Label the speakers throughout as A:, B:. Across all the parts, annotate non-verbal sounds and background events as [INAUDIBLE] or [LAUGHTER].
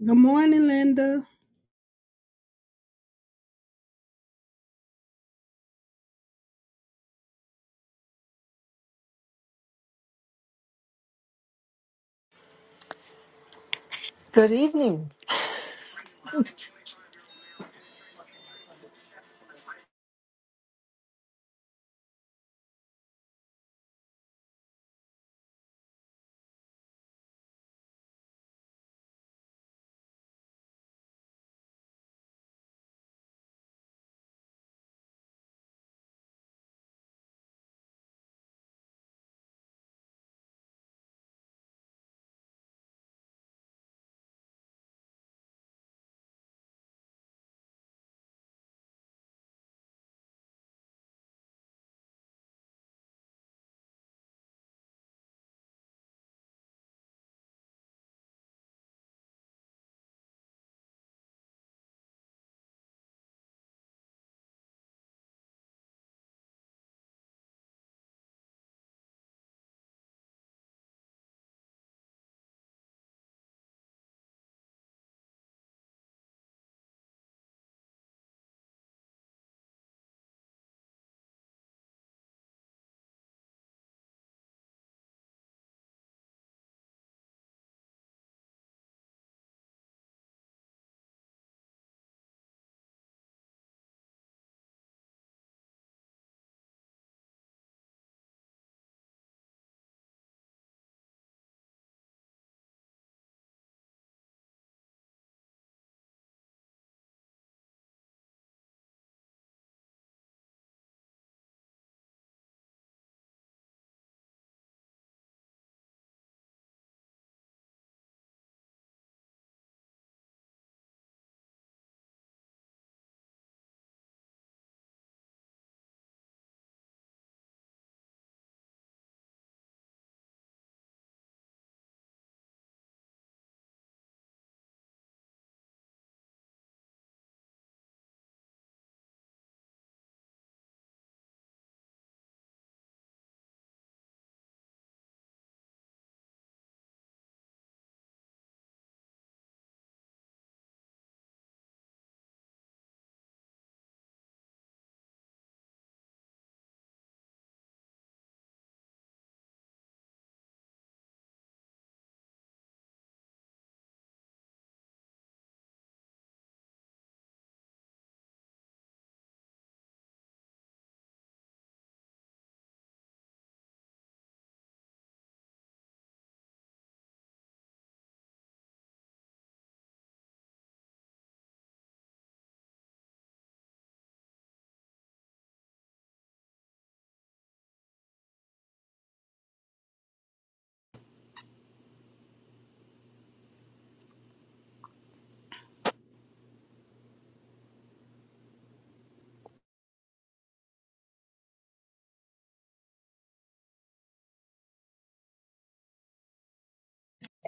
A: Good morning, Linda.
B: Good evening.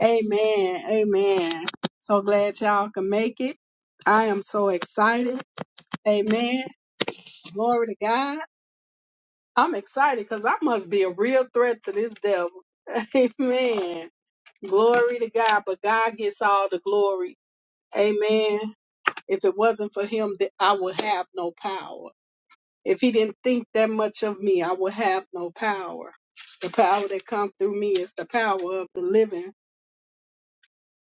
A: Amen. Amen. So glad y'all can make it. I am so excited. Amen. Glory to God. I'm excited because I must be a real threat to this devil. [LAUGHS] Amen. Glory to God. But God gets all the glory. Amen. If it wasn't for him, th- I would have no power. If he didn't think that much of me, I would have no power. The power that comes through me is the power of the living.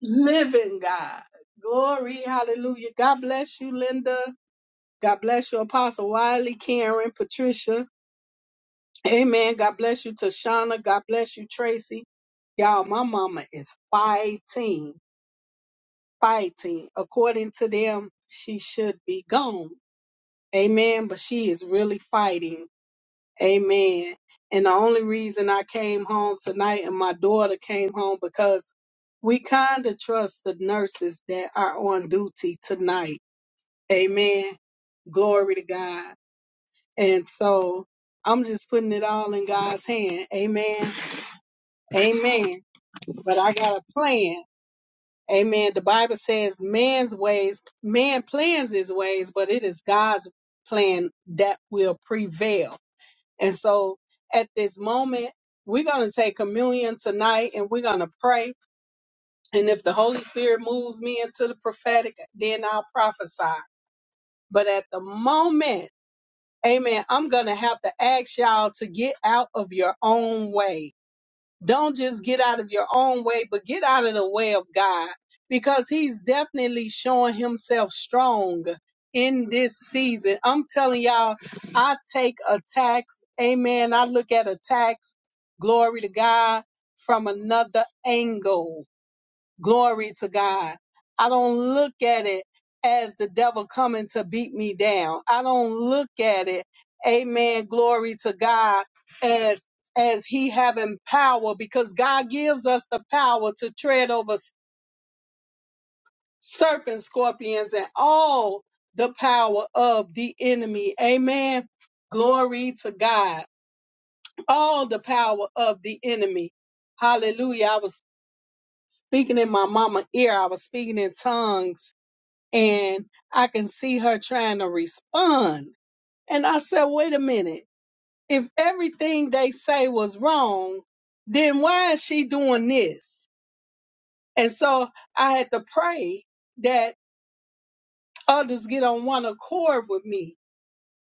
A: living God. Glory, hallelujah. God bless you, Linda. God bless you, Apostle Wiley, Karen, Patricia. Amen. God bless you, Tashana. God bless you, Tracy. Y'all, my mama is fighting, fighting. According to them, she should be gone. Amen. But she is really fighting. Amen. And the only reason I came home tonight and my daughter came home because we kind of trust the nurses that are on duty tonight. Amen. Glory to God. And so I'm just putting it all in God's hand. Amen. Amen. But I got a plan. Amen. The Bible says man's ways, man plans his ways, but it is God's plan that will prevail. And so at this moment, we're going to take communion tonight and we're going to pray. And if the Holy Spirit moves me into the prophetic, then I'll prophesy. But at the moment, amen, I'm going to have to ask y'all to get out of your own way don't just get out of your own way, but get out of the way of God because He's definitely showing Himself strong in this season. I'm telling y'all, I take attacks. Amen. I look at attacks, glory to God, from another angle. Glory to God. I don't look at it as the devil coming to beat me down. I don't look at it, amen, glory to God, as as he having power because God gives us the power to tread over s- serpents, scorpions, and all the power of the enemy. Amen. Glory to God. All the power of the enemy. Hallelujah. I was speaking in my mama ear. I was speaking in tongues and I can see her trying to respond. And I said, wait a minute. If everything they say was wrong, then why is she doing this? And so I had to pray that others get on one accord with me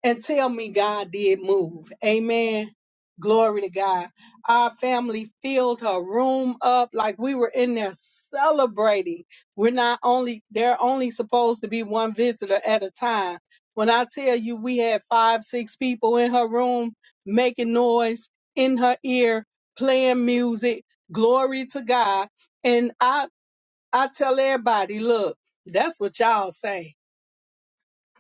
A: and tell me God did move. Amen. Glory to God. Our family filled her room up like we were in there celebrating. We're not only, they're only supposed to be one visitor at a time. When I tell you we had five, six people in her room making noise in her ear, playing music, glory to God. And I, I tell everybody, look, that's what y'all say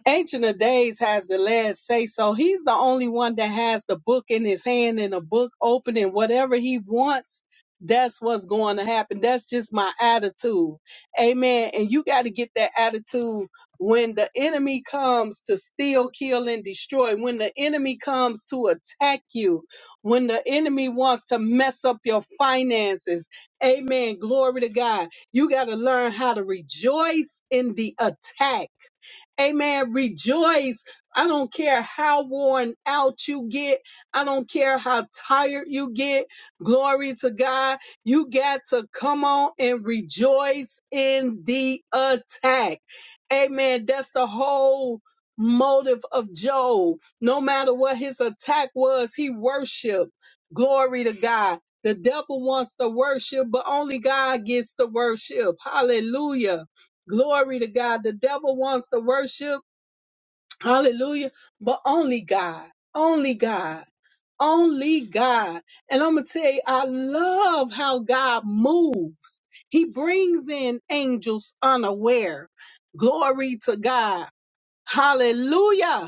A: Ancient of Days has the last say so. He's the only one that has the book in his hand and the book open and whatever he wants, that's what's going to happen. That's just my attitude. Amen. And you got to get that attitude when the enemy comes to steal, kill, and destroy, when the enemy comes to attack you, when the enemy wants to mess up your finances. Amen. Glory to God. You got to learn how to rejoice in the attack. Amen. Rejoice. I don't care how worn out you get. I don't care how tired you get. Glory to God. You got to come on and rejoice in the attack. Amen. That's the whole motive of Job. No matter what his attack was, he worshiped. Glory to God. The devil wants to worship, but only God gets to worship. Hallelujah. Glory to God. The devil wants to worship. Hallelujah. But only God, only God, only God. And I'm going to tell you, I love how God moves. He brings in angels unaware. Glory to God. Hallelujah.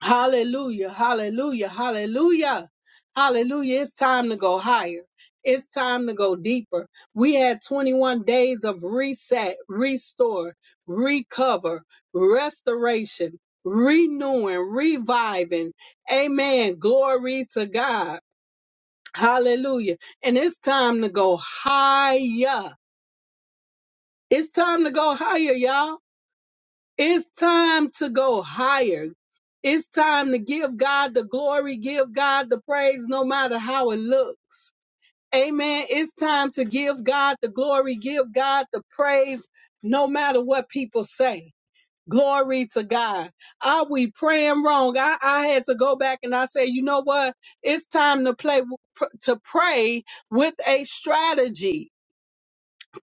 A: Hallelujah, hallelujah, hallelujah, hallelujah. It's time to go higher. It's time to go deeper. We had 21 days of reset, restore, recover, restoration, renewing, reviving. Amen. Glory to God. Hallelujah. And it's time to go higher. It's time to go higher, y'all. It's time to go higher. It's time to give God the glory, give God the praise, no matter how it looks. Amen. It's time to give God the glory, give God the praise, no matter what people say. Glory to God. Are we praying wrong? I, I had to go back and I say, you know what? It's time to play to pray with a strategy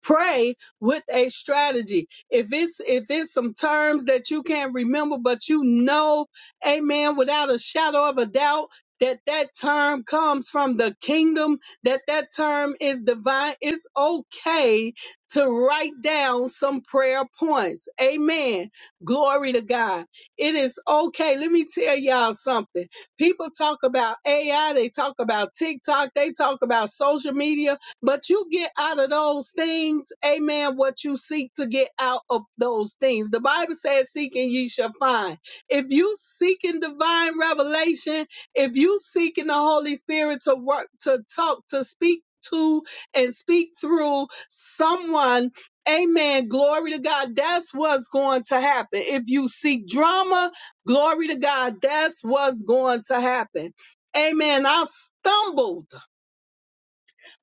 A: pray with a strategy. If it's if it's some terms that you can't remember, but you know, amen, without a shadow of a doubt that that term comes from the kingdom, that that term is divine. It's okay to write down some prayer points. Amen. Glory to God. It is okay. Let me tell y'all something. People talk about AI. They talk about TikTok. They talk about social media but you get out of those things, amen, what you seek to get out of those things. The Bible says, Seek and ye shall find. If you seeking divine revelation, if you seeking the Holy Spirit to work, to talk, to speak to, and speak through someone, amen, glory to God, that's what's going to happen. If you seek drama, glory to God, that's what's going to happen. Amen. I stumbled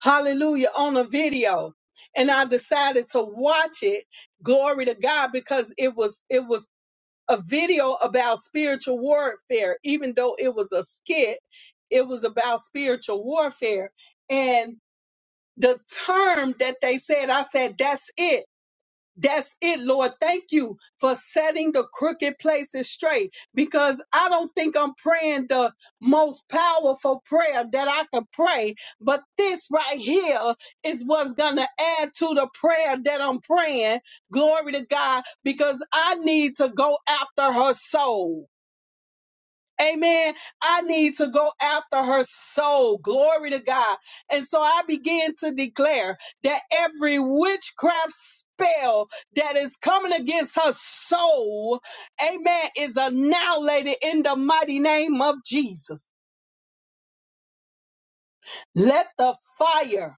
A: hallelujah, on a video. And I decided to watch it, glory to God, because it was, it was a video about spiritual warfare. Even though it was a skit, it was about spiritual warfare. And the term that they said, I said, that's it that's it, Lord. Thank you for setting the crooked places straight because I don't think I'm praying the most powerful prayer that I can pray, but this right here is what's going to add to the prayer that I'm praying. Glory to God because I need to go after her soul. Amen. I need to go after her soul. Glory to God. And so I began to declare that every witchcraft spell that is coming against her soul, amen, is annihilated in the mighty name of Jesus. Let the fire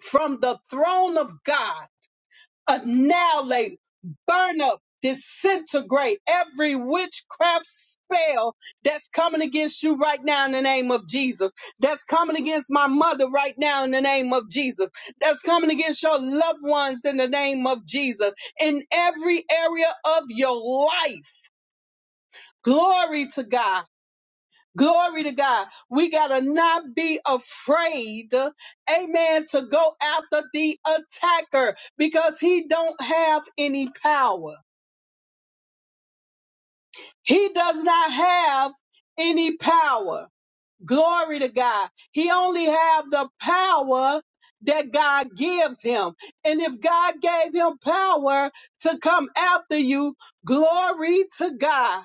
A: from the throne of God annihilate, burn up, disintegrate every witchcraft spell that's coming against you right now in the name of Jesus. That's coming against my mother right now in the name of Jesus. That's coming against your loved ones in the name of Jesus. In every area of your life. Glory to God. Glory to God. We got to not be afraid, amen, to go after the attacker because he don't have any power. He does not have any power. Glory to God. He only have the power that God gives him. And if God gave him power to come after you, glory to God.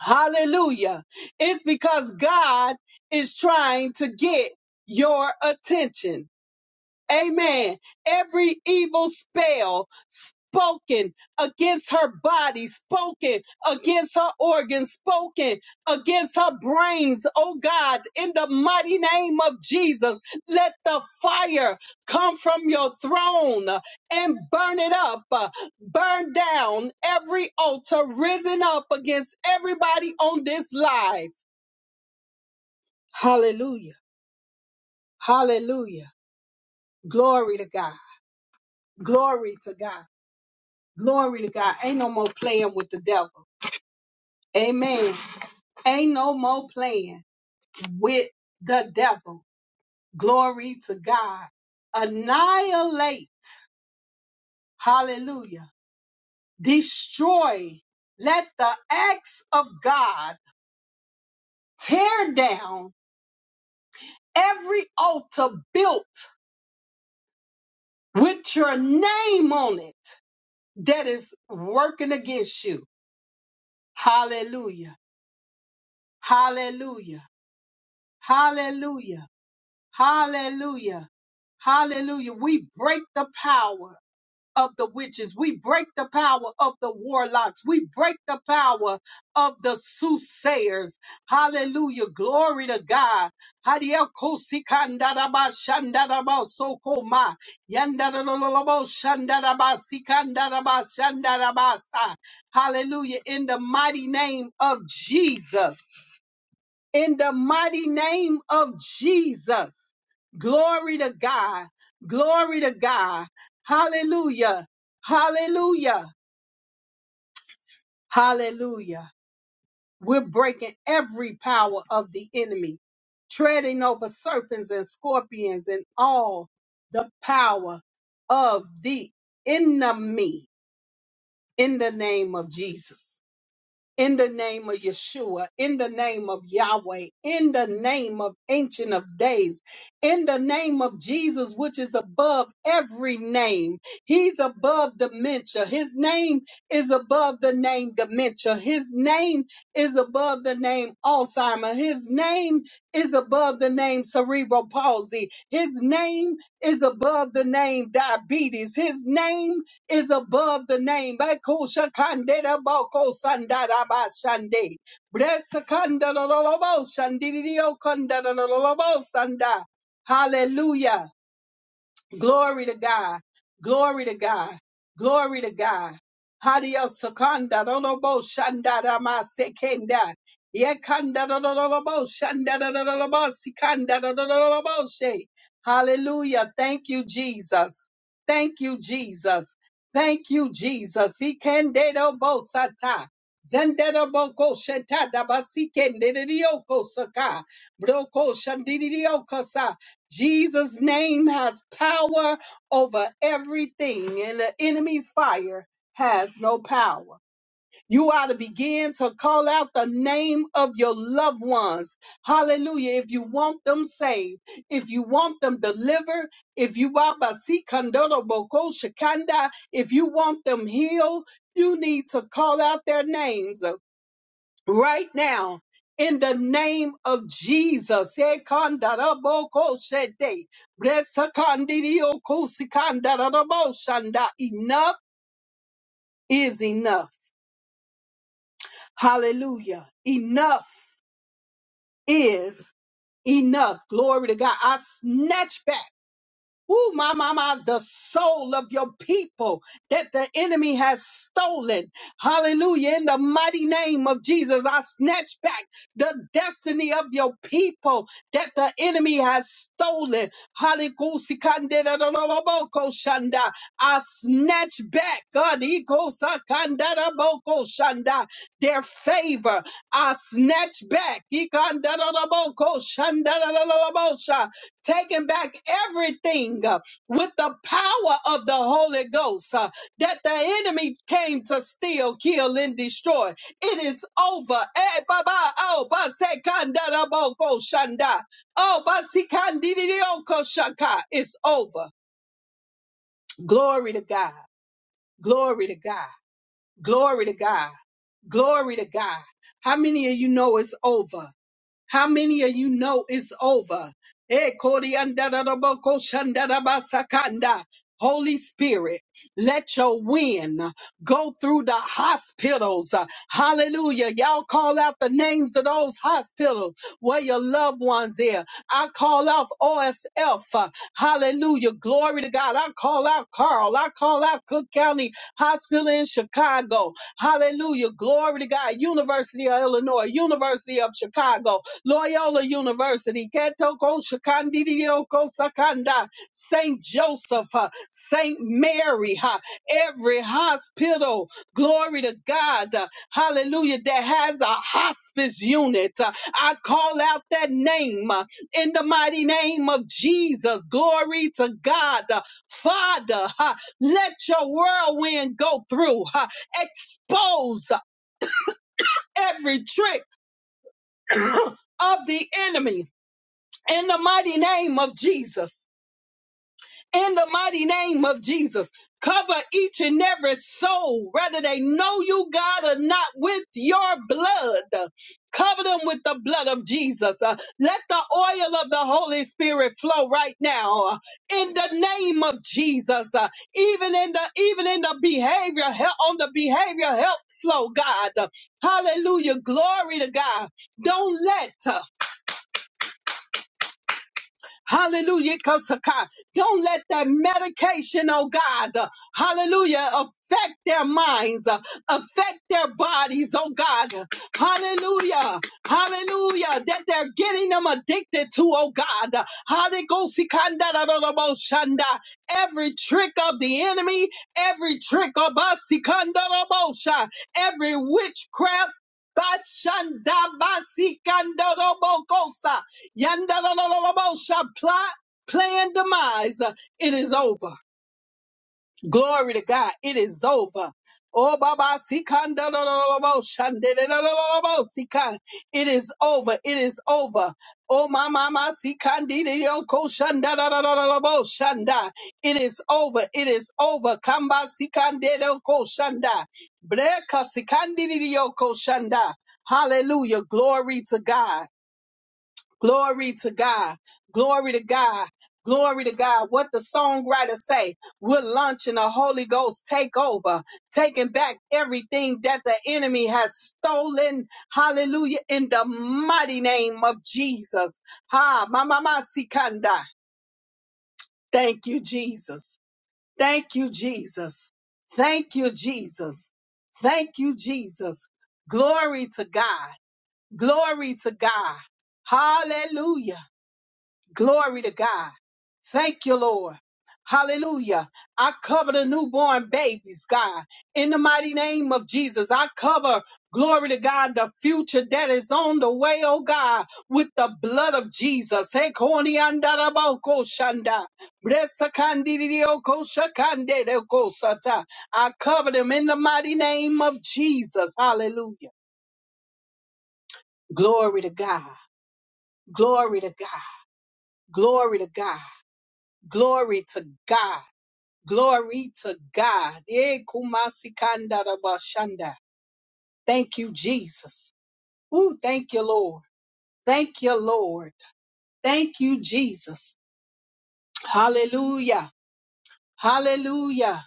A: Hallelujah. It's because God is trying to get your attention. Amen. Every evil spell spoken against her body, spoken against her organs, spoken against her brains. Oh God, in the mighty name of Jesus, let the fire come from your throne and burn it up, uh, burn down every altar risen up against everybody on this live. Hallelujah. Hallelujah. Glory to God. Glory to God. Glory to God. Ain't no more playing with the devil. Amen. Ain't no more playing with the devil. Glory to God. Annihilate. Hallelujah. Destroy. Let the acts of God tear down every altar built with your name on it that is working against you. Hallelujah. Hallelujah. Hallelujah. Hallelujah. Hallelujah. We break the power of the witches. We break the power of the warlocks. We break the power of the soothsayers. Hallelujah. Glory to God. Hadiakosikandaramashandarabasokoma. Yandarololoboshandarabasikandarabasandarabasa. Hallelujah. In the mighty name of Jesus in the mighty name of Jesus. Glory to God. Glory to God. Hallelujah. Hallelujah. Hallelujah. We're breaking every power of the enemy, treading over serpents and scorpions and all the power of the enemy in the name of Jesus. in the name of Yeshua, in the name of Yahweh, in the name of Ancient of Days, in the name of Jesus, which is above every name. He's above dementia. His name is above the name dementia. His name is above the name Alzheimer. His name is above the name cerebral palsy. His name is above the name diabetes. His name is above the name. Bakoshakanderabakosandadabashande. Bresakandaroloboshandiriokandadolobosanda. Hallelujah. Glory to God. Glory to God. Glory to God. Hadio Sakanda Robo Shanda Rama Sekenda. Yekanda Robo Shanda Robo Sikanda Robo She. Hallelujah. Thank you, Jesus. Thank you, Jesus. Thank you, Jesus. He can bo sata. Zendero boko sheta dabasi kende dioko saka. Broko shandirioko Jesus' name has power over everything, and the enemy's fire has no power. You ought to begin to call out the name of your loved ones. Hallelujah. If you want them saved, if you want them delivered, if you want if you want them healed, you need to call out their names right now in the name of Jesus. Ekandarabokosete. Blessakandidiokosikandaraboshanda. Enough is enough. Hallelujah. Enough is enough. Glory to God. I snatch back. Ooh, my, my, my, the soul of your people that the enemy has stolen. Hallelujah. In the mighty name of Jesus, I snatch back the destiny of your people that the enemy has stolen. Hallelujah. I snatch back God, Ikosakandaraboko-shanda, their favor. I snatch back. Ikandaraboko-shandarabosha, taking back everything uh, with the power of the Holy Ghost uh, that the enemy came to steal, kill, and destroy. It is over. Eh, baba, oh, basekandarabogo shanda. Oh, basikandirioko shaka. It's over. Glory to God. Glory to God. Glory to God. Glory to God. How many of you know it's over? How many of you know it's over? Eh, koriandaraboko shandarabasakanda. Holy Spirit, let your wind go through the hospitals. Hallelujah. Y'all call out the names of those hospitals where your loved ones are. I call out OSF. Hallelujah. Glory to God. I call out Carl. I call out Cook County Hospital in Chicago. Hallelujah. Glory to God. University of Illinois, University of Chicago. Loyola University, Ketoko Shakandidioko Sakanda, St. Joseph, uh, St. Mary, uh, every hospital, glory to God, uh, hallelujah, that has a hospice unit. uh, I call out that name uh, in the mighty name of Jesus. Glory to God. Uh, Father, uh, let your whirlwind go through, uh, expose every trick. [COUGHS] Of the enemy in the mighty name of Jesus. In the mighty name of Jesus, cover each and every soul, whether they know you, God, or not, with your blood. Cover them with the blood of Jesus. Uh, let the oil of the Holy Spirit flow right now uh, in the name of Jesus. Uh, even in the even in the behavior help on the behavior help flow, God. Uh, Hallelujah. Glory to God. Don't let. uh, Hallelujah. Kosaka. Don't let that medication, oh God, uh, hallelujah, affect their minds, uh, affect their bodies, oh God. Hallelujah. Hallelujah. That they're getting them addicted to, oh God. Hallelujah. Every trick of the enemy, every trick of us, Sikandarabosa, every witchcraft. Bashandabasikandarobokosa. Yandalalalabosa, plot, plan, demise. Uh, It is over. Glory to God. It is over. Oh, Baba, sikandalalalabosa, ndelelalabosa. it is over. It is over. Oh, my mama, shanda. It is over. It is over. Kamba, sikandedoko shanda. Breka, sikandidiyoko shanda. Hallelujah. Glory to God. Glory to God. Glory to God. Glory to God. What the songwriter say, we're launching a Holy Ghost takeover, taking back everything that the enemy has stolen. Hallelujah. In the mighty name of Jesus. Ha, mama sikanda. Thank you, Jesus. Thank you, Jesus. Thank you, Jesus. Thank you, Jesus. Glory to God. Glory to God. Hallelujah. Glory to God. Thank you, Lord. Hallelujah. I cover the newborn babies, God. In the mighty name of Jesus, I cover, glory to God, the future that is on the way, oh God, with the blood of Jesus. Hey, koni andara ba oko shanda. Bresa kandiri di oko shakande de oko sata. I cover them in the mighty name of Jesus. Hallelujah. Glory to God. Glory to God. Glory to God. Glory to God. Glory to God. Eh, kumasikandarabashanda. Thank you, Jesus. Ooh, thank you, Lord. Thank you, Lord. Thank you, Jesus. Hallelujah. Hallelujah.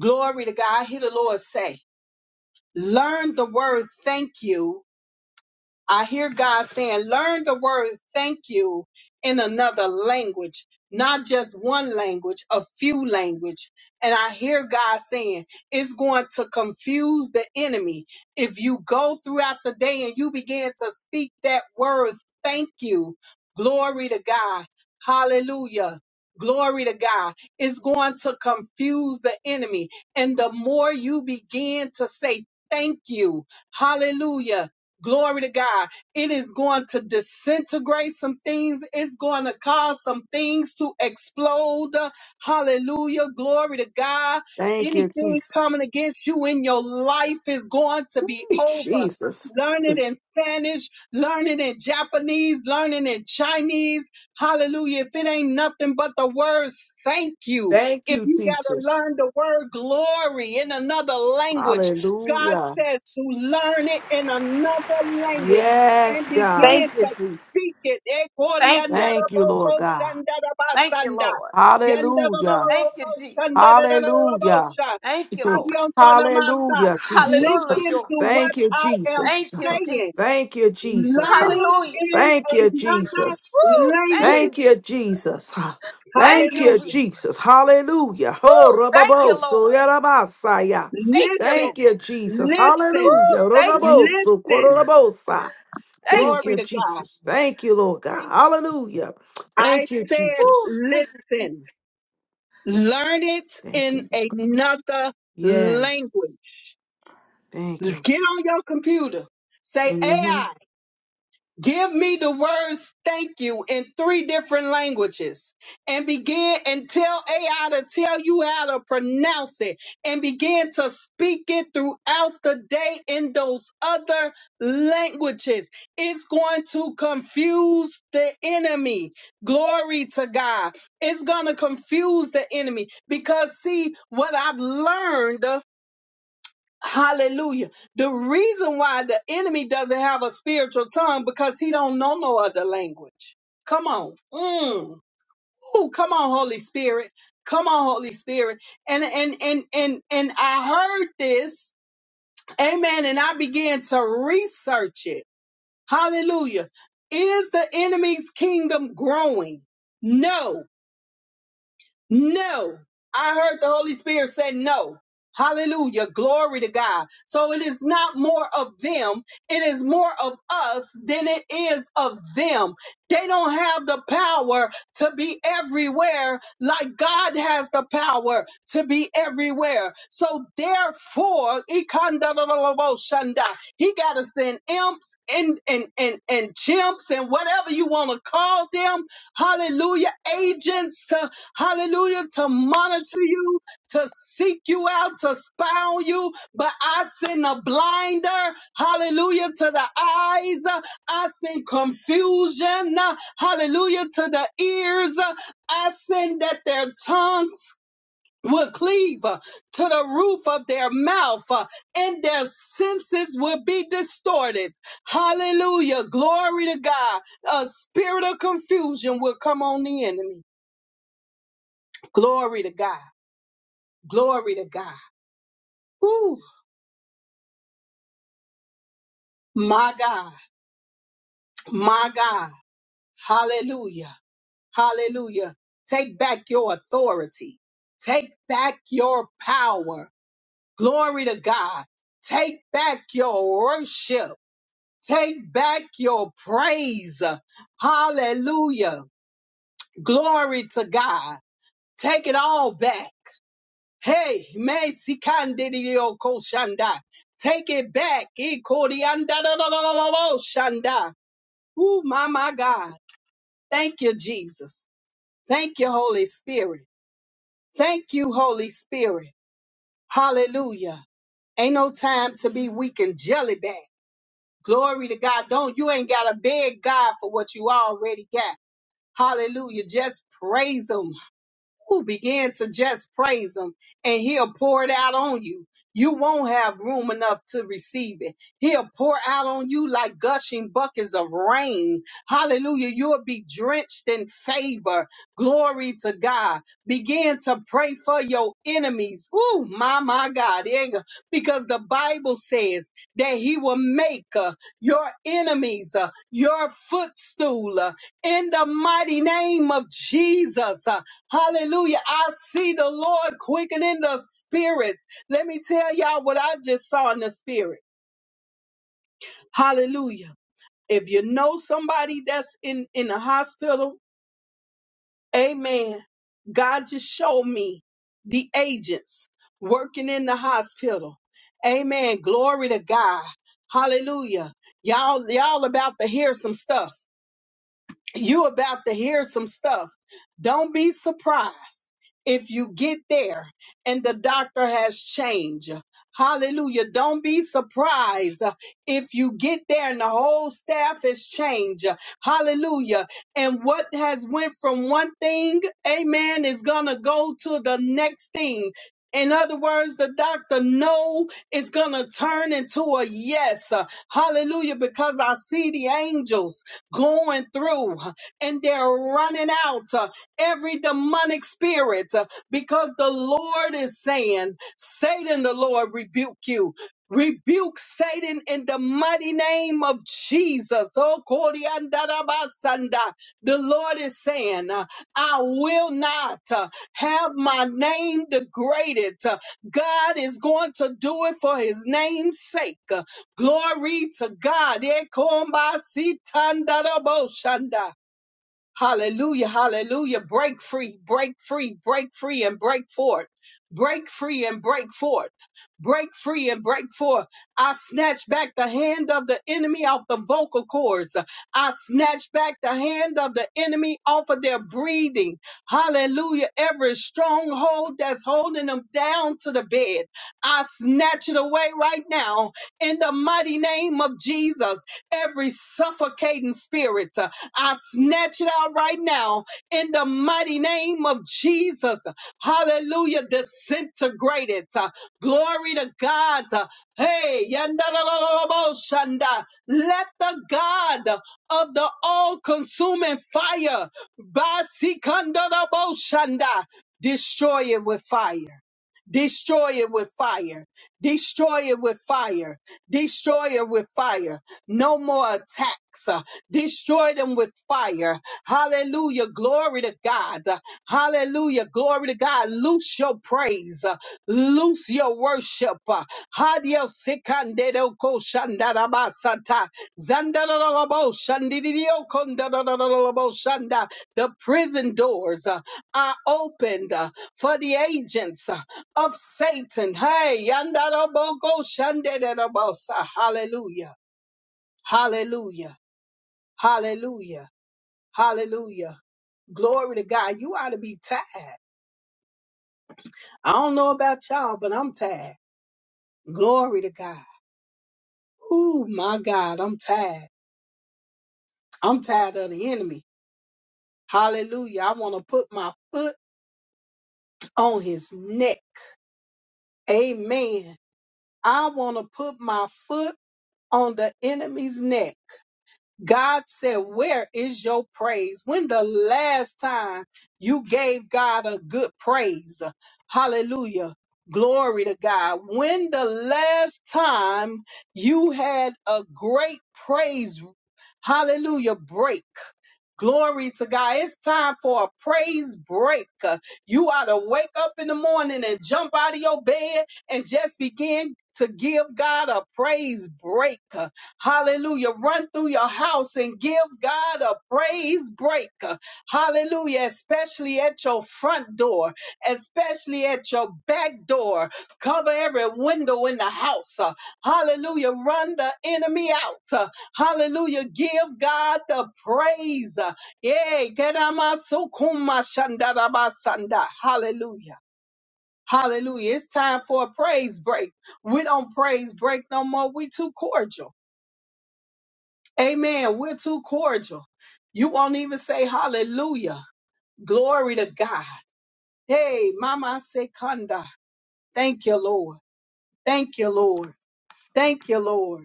A: Glory to God. I hear the Lord say, learn the word thank you I hear God saying, learn the word thank you in another language, not just one language, a few language. And I hear God saying, it's going to confuse the enemy. If you go throughout the day and you begin to speak that word, thank you. Glory to God. Hallelujah. Glory to God. It's going to confuse the enemy. And the more you begin to say, thank you. Hallelujah Glory to God. It is going to disintegrate some things. It's going to cause some things to explode. Hallelujah. Glory to God.
C: Thank you,
A: Anything coming
C: Jesus.
A: against you in your life is going to be
C: Ooh,
A: over.
C: Jesus.
A: Learn
C: Mm,
A: it in Spanish, learn it in Japanese, learn it in Chinese. Hallelujah. If it ain't nothing but the words, thank you.
C: Thank
A: If
C: you,
A: you got to
C: Jesus.
A: learn the word glory in another language, God
C: Hallelujah.
A: says to learn it in another language and
C: Yes, God.
D: Thank
A: begin
D: you,
A: to
D: Jesus.
A: speak it.
D: Thank you,
C: Thank
D: Jesus.
C: you, Lord God.
D: Thank you,
A: Ekoriandarabokoshandarabasanda.
D: Lord.
C: Hallelujah.
D: Thank you, Jesus.
C: Hallelujah.
A: Yandarabokoshandarabosha.
D: Thank you,
C: [LAUGHS]
D: Lord.
A: Hanyotonamasa.
C: Hallelujah, Jesus.
A: Listen
D: Hallelujah.
A: to
C: [LAUGHS]
A: what
C: Thank you,
A: I am
D: Thank
C: Jesus.
D: you, Jesus.
A: saying.
C: [LAUGHS] Thank you, Jesus.
A: Learn it
D: Hallelujah.
C: [LAUGHS]
A: in
C: Thank you,
A: another
C: Jesus.
D: Woo! Thank you,
C: Thank
A: language.
C: you,
D: Jesus.
C: Jesus.
D: Thank
C: Thank
D: you,
C: you,
D: Jesus.
A: Hallelujah.
C: Jesus. Hallelujah. Ho
D: Woo! Thank you, Lord.
C: rababoso yarabasaya.
D: Thank you,
A: Listen,
D: Lord.
C: Thank you, Jesus.
A: listen,
C: Hallelujah.
D: Woo! Thank you, Jesus.
C: Roraboso
A: listen.
C: kororabosa.
D: Thank
C: Thank
D: you.
A: Glory
C: you,
A: to God.
C: Jesus. Thank you, Lord God.
D: Thank you.
C: Hallelujah.
A: I
C: Thank you,
A: said,
D: Woo!
C: Jesus.
D: Thank you, Jesus.
A: listen, learn it
C: Thank
A: in
C: you, Lord God.
A: another
C: Yes.
A: language.
C: Thank you.
A: Get on your computer. Say AI.
C: Mhm.
A: Give me the words thank you in three different languages and begin and tell AI to tell you how to pronounce it and begin to speak it throughout the day in those other languages. It's going to confuse the enemy. Glory to God. It's going to confuse the enemy because see what I've learned Hallelujah. The reason why the enemy doesn't have a spiritual tongue because he don't know no other language. Come on. Mm. Ooh, come on, Holy Spirit. Come on, Holy Spirit. And and and and and I heard this. Amen. And I began to research it. Hallelujah. Is the enemy's kingdom growing? No. No. I heard the Holy Spirit say no. Hallelujah. Glory to God. So it is not more of them. It is more of us than it is of them. They don't have the power to be everywhere like God has the power to be everywhere. So therefore, Ikandadadadaboshanda, he got to send imps and, and, and, and chimps and whatever you want to call them. Hallelujah. Agents hallelujah, to monitor you, to seek you out, to spy on you. But I send a blinder, hallelujah, to the eyes. I send confusion, hallelujah, to the ears. I send that their tongues will cleave uh, to the roof of their mouth uh, and their senses will be distorted. Hallelujah. Glory to God. A spirit of confusion will come on the enemy. Glory to God. Glory to God. Ooh, my God, my God. Hallelujah. Hallelujah. Take back your authority. Take back your power. Glory to God. Take back your worship. Take back your praise. Hallelujah. Glory to God. Take it all back. Hey, Messi Candidio Koshanda. Take it back. Ikorianda da da da da da, Shanda. Woo, my, my God. Thank you, Jesus. Thank you, Holy Spirit. Thank you, Holy Spirit. Hallelujah. Ain't no time to be weak and jelly back. Glory to God. Don't you ain't gotta beg God for what you already got. Hallelujah. Just praise Him. who begin to just praise him and he'll pour it out on you. You won't have room enough to receive it. He'll pour out on you like gushing buckets of rain. Hallelujah. You'll be drenched in favor. Glory to God. Begin to pray for your enemies. Ooh, my, my God. Yeah, yeah. Because the Bible says that he will make uh, your enemies uh, your footstool uh, in the mighty name of Jesus. uh, Hallelujah. I see the Lord quickening the spirits. Let me tell y'all what I just saw in the spirit. Hallelujah. If you know somebody that's in, in the hospital, amen. God just showed me the agents working in the hospital. Amen. Glory to God. Hallelujah. Y'all, y'all about to hear some stuff. you about to hear some stuff. Don't be surprised if you get there and the doctor has changed. Hallelujah. Don't be surprised if you get there and the whole staff has changed. Hallelujah. And what has went from one thing, amen, is going to go to the next thing. In other words, the doctor no is going to turn into a yes. Hallelujah. Because I see the angels going through and they're running out uh, every demonic spirit uh, because the Lord is saying, Satan, the Lord rebuke you. Rebuke Satan in the mighty name of Jesus. Oh, Koriandarabasanda. the Lord is saying, uh, I will not uh, have my name degraded. Uh, God is going to do it for his name's sake. Glory to God. Ekombasitandarabo shanda. Hallelujah, hallelujah. Break free, break free, break free and break forth. Break free and break forth. Break free and break forth. I snatch back the hand of the enemy off the vocal cords. I snatch back the hand of the enemy off of their breathing. Hallelujah. Every stronghold that's holding them down to the bed, I snatch it away right now in the mighty name of Jesus. Every suffocating spirit. I snatch it out right now in the mighty name of Jesus. Hallelujah. Disintegrated. Uh, Glory to God. Uh, Hey, yandadadadadaboshanda. let the God of the all consuming fire basikandadaboshanda, destroy it with fire. Destroy it with fire. Destroy it with fire. Destroy it with fire. No more attacks. Destroy them with fire. Hallelujah. Glory to God. Hallelujah. Glory to God. Loose your praise. Loose your worship. Hadio sikandero ko shandarabasata. Zandarabo shandidio kondarabo shanda. The prison doors uh, are opened uh, for the agents uh, of Satan. Hey, yandarabo ko shandarabo sa. hallelujah. Hallelujah. Hallelujah. Hallelujah. Glory to God. You ought to be tired. I don't know about y'all, but I'm tired. Glory to God. Ooh, my God, I'm tired. I'm tired of the enemy. Hallelujah. I want to put my foot on his neck. Amen. I want to put my foot on the enemy's neck. God said, Where is your praise? When the last time you gave God a good praise? Hallelujah. Glory to God. When the last time you had a great praise, hallelujah, break. Glory to God. It's time for a praise break. Uh, You ought to wake up in the morning and jump out of your bed and just begin to give God a praise break. Uh, Hallelujah. Run through your house and give God a praise break. Uh, Hallelujah. Especially at your front door, especially at your back door. Cover every window in the house. Uh, Hallelujah. Run the enemy out. Uh, Hallelujah. Give God the praise. Yay. Kedamasukuma shandarabasanda. Hallelujah. Hallelujah. It's time for a praise break. We don't praise break no more. We too cordial. Amen. We're too cordial. You won't even say hallelujah. Glory to God. Hey, Mama Sekanda. Thank you, Lord. Thank you, Lord. Thank you, Lord.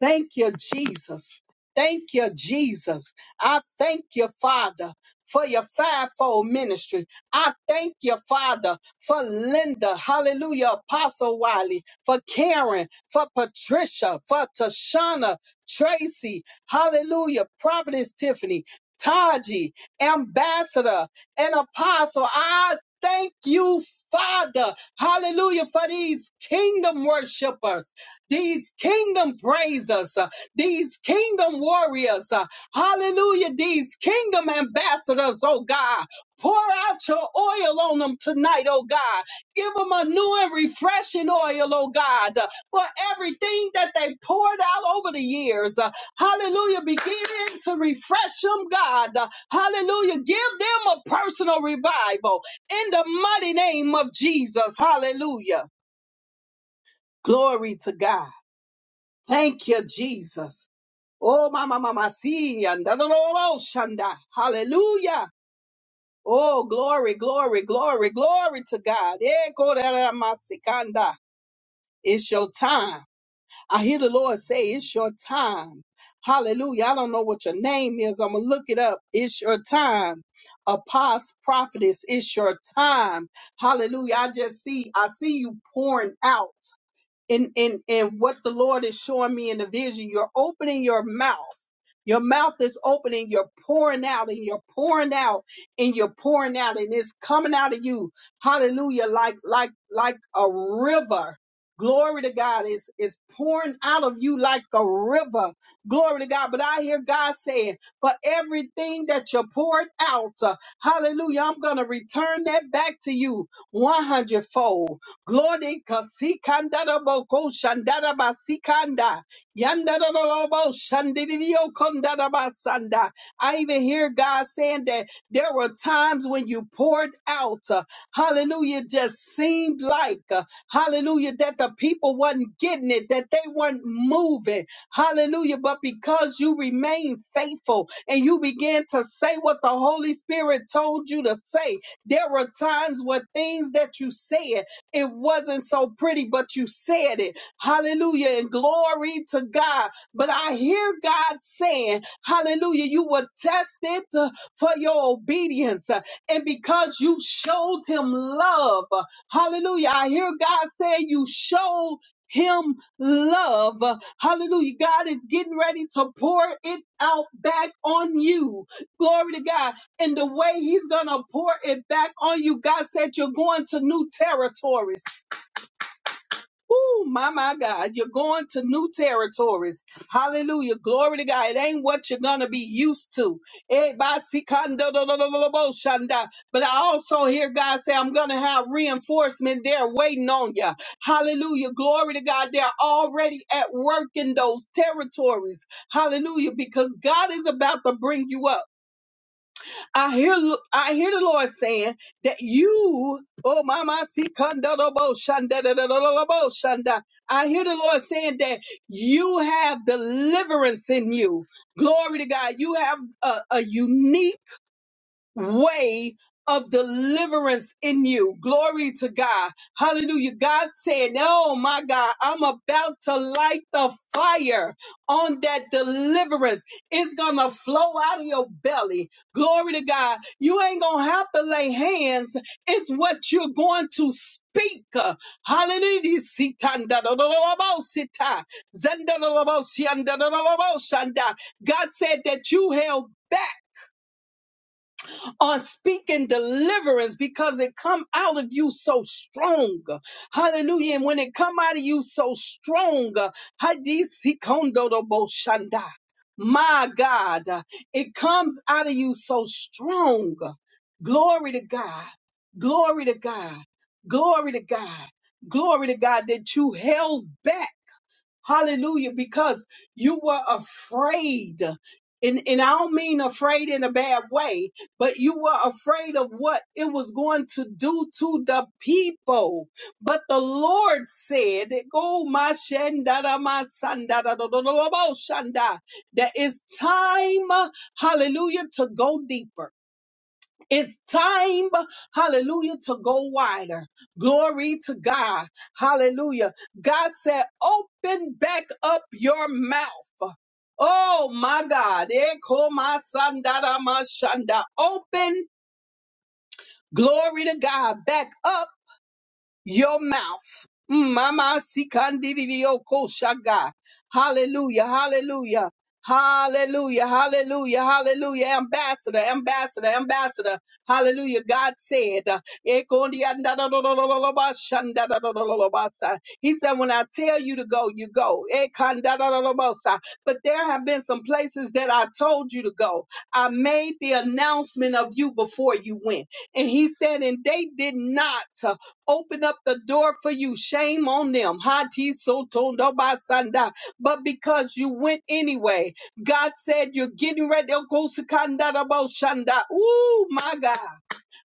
A: Thank you, Jesus. Thank you, Jesus. I thank you, Father, for your fivefold ministry. I thank you, Father, for Linda, hallelujah, Apostle Wiley, for Karen, for Patricia, for Tashana, Tracy, hallelujah, Providence Tiffany, Taji, Ambassador, and Apostle. I thank you, Father, hallelujah, for these kingdom worshipers these kingdom praisers, uh, these kingdom warriors, uh, hallelujah, these kingdom ambassadors, oh God. Pour out your oil on them tonight, oh God. Give them a new and refreshing oil, oh God, uh, for everything that they poured out over the years. Uh, Hallelujah. Begin to refresh them, God. Uh, Hallelujah. Give them a personal revival in the mighty name of Jesus. Hallelujah. Glory to God. Thank you, Jesus. Oh, mama, mama, see, and da, da, da, da, shanda. Hallelujah. Oh, glory, glory, glory, glory to God. Eh, go da, da, ma, sikanda. It's your time. I hear the Lord say, It's your time. Hallelujah. I don't know what your name is. I'm going to look it up. It's your time. Apostle, prophetess, it's your time. Hallelujah. I just see, I see you pouring out in in in what the Lord is showing me in the vision, you're opening your mouth. Your mouth is opening, you're pouring out and you're pouring out and you're pouring out and it's coming out of you. Hallelujah. Like like like a river. Glory to God is is pouring out of you like a river. Glory to God. But I hear God saying, for everything that you poured out, uh, hallelujah, I'm gonna return that back to you 100 fold. Glory kasikandaraboko shandarabasikanda yandarabo shandidio kondarabasanda. I even hear God saying that there were times when you poured out. uh, Hallelujah. Just seemed like, uh, hallelujah, that the people wasn't getting it, that they weren't moving. Hallelujah. But because you remained faithful and you began to say what the Holy Spirit told you to say, there were times where things that you said it wasn't so pretty, but you said it. Hallelujah. And glory to God. But I hear God saying, Hallelujah, you were tested uh, for your obedience. uh, And because you showed him love, Uh, hallelujah. I hear God saying, You showed him love. Uh, Hallelujah. God is getting ready to pour it out back on you. Glory to God and the way he's gonna pour it back on you. God said you're going to new territories. Ooh, my my God, you're going to new territories. Hallelujah. Glory to God. It ain't what you're gonna be used to. Eh, ba, si, kan, do, do, do, do, do, bo, shanda. But I also hear God say, I'm gonna have reinforcement there waiting on you. Hallelujah. Glory to God. They're already at work in those territories. Hallelujah. Because God is about to bring you up. I hear I hear the Lord saying that you, oh mama see kandalobo shanda da da da da shandadadadadabo shanda. I hear the Lord saying that you have deliverance in you. Glory to God. You have a, a unique way of deliverance in you. Glory to God. Hallelujah. God said, Oh my God, I'm about to light the fire on that deliverance. It's going to flow out of your belly. Glory to God. You ain't going to have to lay hands. It's what you're going to speak. Hallelujah. God said that you held back on speaking deliverance because it come out of you so strong. Hallelujah. And when it come out of you so strong, hadisikondodoboshanda. my God, it comes out of you so strong. Glory to God. Glory to God. Glory to God. Glory to God that you held back. Hallelujah. Because you were afraid. And, and I don't mean afraid in a bad way, but you were afraid of what it was going to do to the people. But the Lord said, "Go, my shandada, my sandada, do, do, do, do, bo, shanda," that it's time, hallelujah, to go deeper. It's time, hallelujah, to go wider. Glory to God. Hallelujah. God said, open back up your mouth. Oh my God. Eko masandara mashanda. Open, glory to God, back up your mouth. Mm, Mama Sikandidioko Shaga. Hallelujah, hallelujah, hallelujah, hallelujah, hallelujah. Ambassador, ambassador, ambassador. Hallelujah. God said, uh, Ekondiandadadadadadadabashandadadadadadabasa. He said, when I tell you to go, you go. Ekandadadadadabosa. But there have been some places that I told you to go. I made the announcement of you before you went. And he said, and they did not. uh, open up the door for you. Shame on them. Hati soto no basanda. But because you went anyway, God said you're getting ready to go sekanda da bo shanda. Ooh, my God.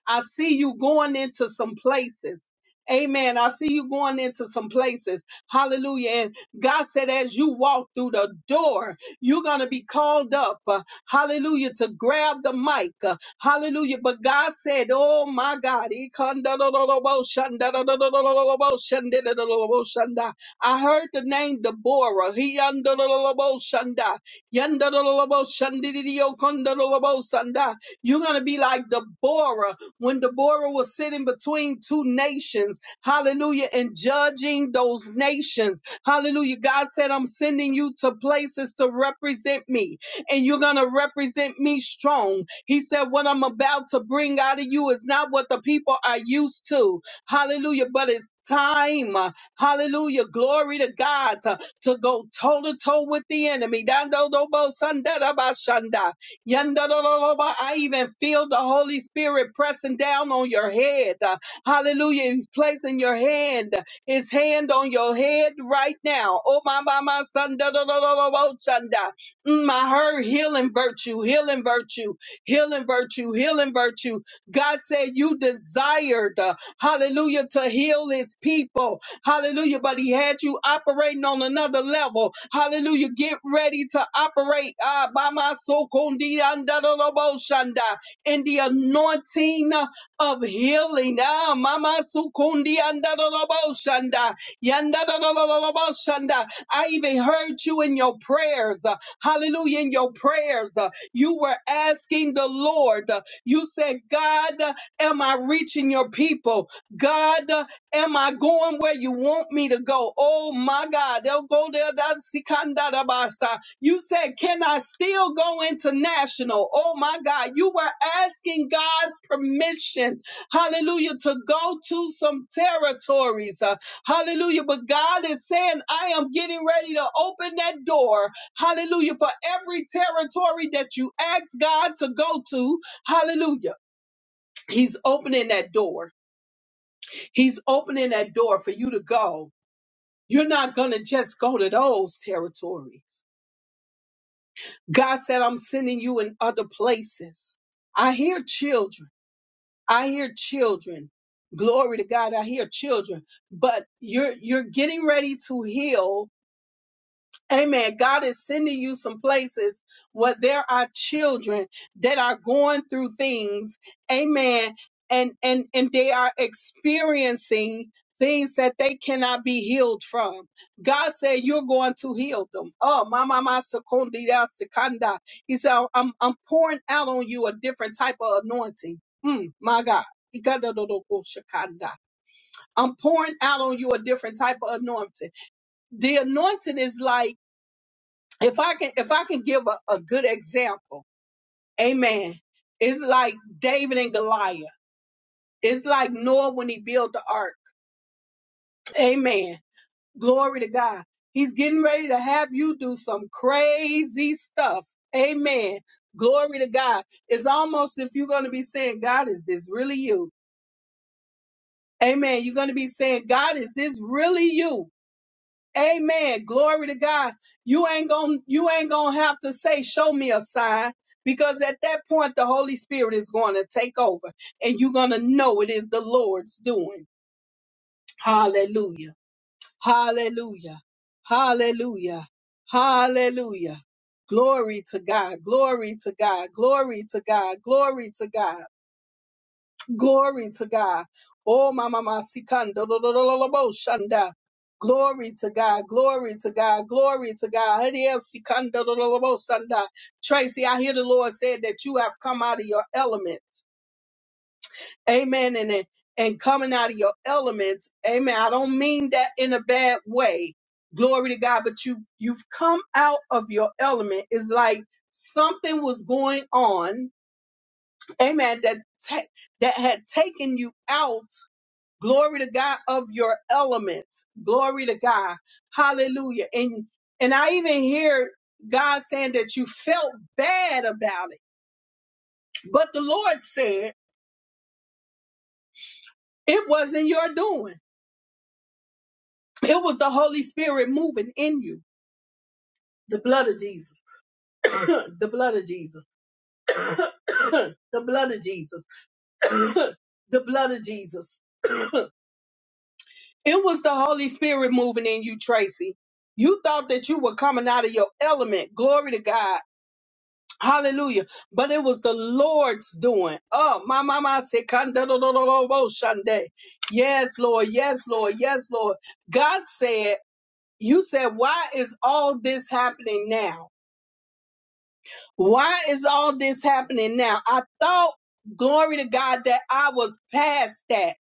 A: I see you going into some places. Amen. I see you going into some places. Hallelujah. And God said, as you walk through the door, you're going to be called up. uh, hallelujah. To grab the mic. uh, hallelujah. But God said, oh my God. he come da da da da bo shan da da da da da da da bo shan da da da da da bo shan da. I heard the name Deborah. He un da da da da bo shan da. Yan da da da da bo shan di di di yo kun da da da bo shan da. You're going to be like Deborah when Deborah was sitting between two nations, hallelujah, and judging those nations, hallelujah. God said, I'm sending you to places to represent me, and you're going to represent me strong. He said, What I'm about to bring out of you is not what the people are used to, hallelujah, but it's time, hallelujah, glory to God, to, to go toe to toe with the enemy. Dando dobo sandada bashanda. Yandadadadaba, I even feel the Holy Spirit pressing down on your head. Uh, Hallelujah. He's placing your hand, his hand on your head right now. Oh, my, my, my, son. Dadadadadabo, chanda. Mm, I heard healing virtue, healing virtue, healing virtue, healing virtue. God said you desired, uh, hallelujah, to heal his people. Hallelujah. But he had you operating on another level. Hallelujah. Get ready to operate ah, by my soul, Kundi, anda, do, do, bo, shanda, in the anointing of healing. Ah, Mama Sukundi anda, do, do, bo, shanda, yanda, do, do, do, do, do, bo, shanda. I even heard you in your prayers. uh, Hallelujah. In your prayers, uh, you were asking the Lord. uh, You said, God, uh, am I reaching your people? God, Am I going where you want me to go? Oh my God. They'll go there. That's Sikandarabasa. You said, Can I still go international? Oh my God. You were asking God's permission, hallelujah, to go to some territories. Uh, hallelujah. But God is saying, I am getting ready to open that door. Hallelujah. For every territory that you ask God to go to, hallelujah. He's opening that door. He's opening that door for you to go. You're not going to just go to those territories. God said, I'm sending you in other places. I hear children. I hear children. Glory to God. I hear children. But you're, you're getting ready to heal Amen. God is sending you some places where there are children that are going through things. Amen. And and and they are experiencing things that they cannot be healed from. God said you're going to heal them. Oh, mama ma sekondi da sekanda. He said I'm I'm pouring out on you a different type of anointing. Mm, my God. Ikadadodoko shakanda. I'm pouring out on you a different type of anointing. The anointing is like if I can if I can give a, a good example, amen. It's like David and Goliath. It's like Noah when he built the ark. Amen. Glory to God. He's getting ready to have you do some crazy stuff. Amen. Glory to God. It's almost if you're going to be saying, God, is this really you? Amen. You're going to be saying, God, is this really you? Amen. Glory to God. You ain't gonna you ain't gonna have to say, show me a sign, because at that point the Holy Spirit is gonna take over and you're gonna know it is the Lord's doing. Hallelujah. Hallelujah. Hallelujah. Hallelujah. Glory to God. Glory to God. Glory to God. Glory to God. Glory to God. Oh, mama, masikando, do, do, do, do, do, bo, shanda. Glory to God. Glory to God. Glory to God. Hadi el sikando, do, do, do, bo, shanda. Tracy, I hear the Lord said that you have come out of your element. Amen. And, and and coming out of your element. Amen. I don't mean that in a bad way. Glory to God. But you, you've come out of your element. It's like something was going on. Amen. That, ta- that had taken you out glory to god of your elements glory to god hallelujah and and i even hear god saying that you felt bad about it but the lord said it wasn't your doing it was the holy spirit moving in you the blood of jesus [COUGHS] the blood of jesus [COUGHS] the blood of jesus [COUGHS] the blood of jesus [COUGHS] it was the holy spirit moving in you tracy you thought that you were coming out of your element glory to god Hallelujah. But it was the Lord's doing. Oh, my mama shande. Yes, Lord. Yes, Lord. Yes, Lord. God said, You said, Why is all this happening now? Why is all this happening now? I thought, glory to God, that I was past that.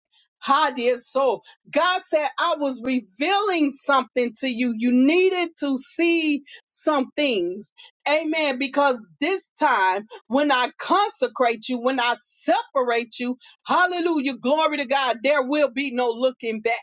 A: How dear soul. God said, I was revealing something to you. You needed to see some things. Amen. Because this time, when I consecrate you, when I separate you, hallelujah, glory to God, there will be no looking back.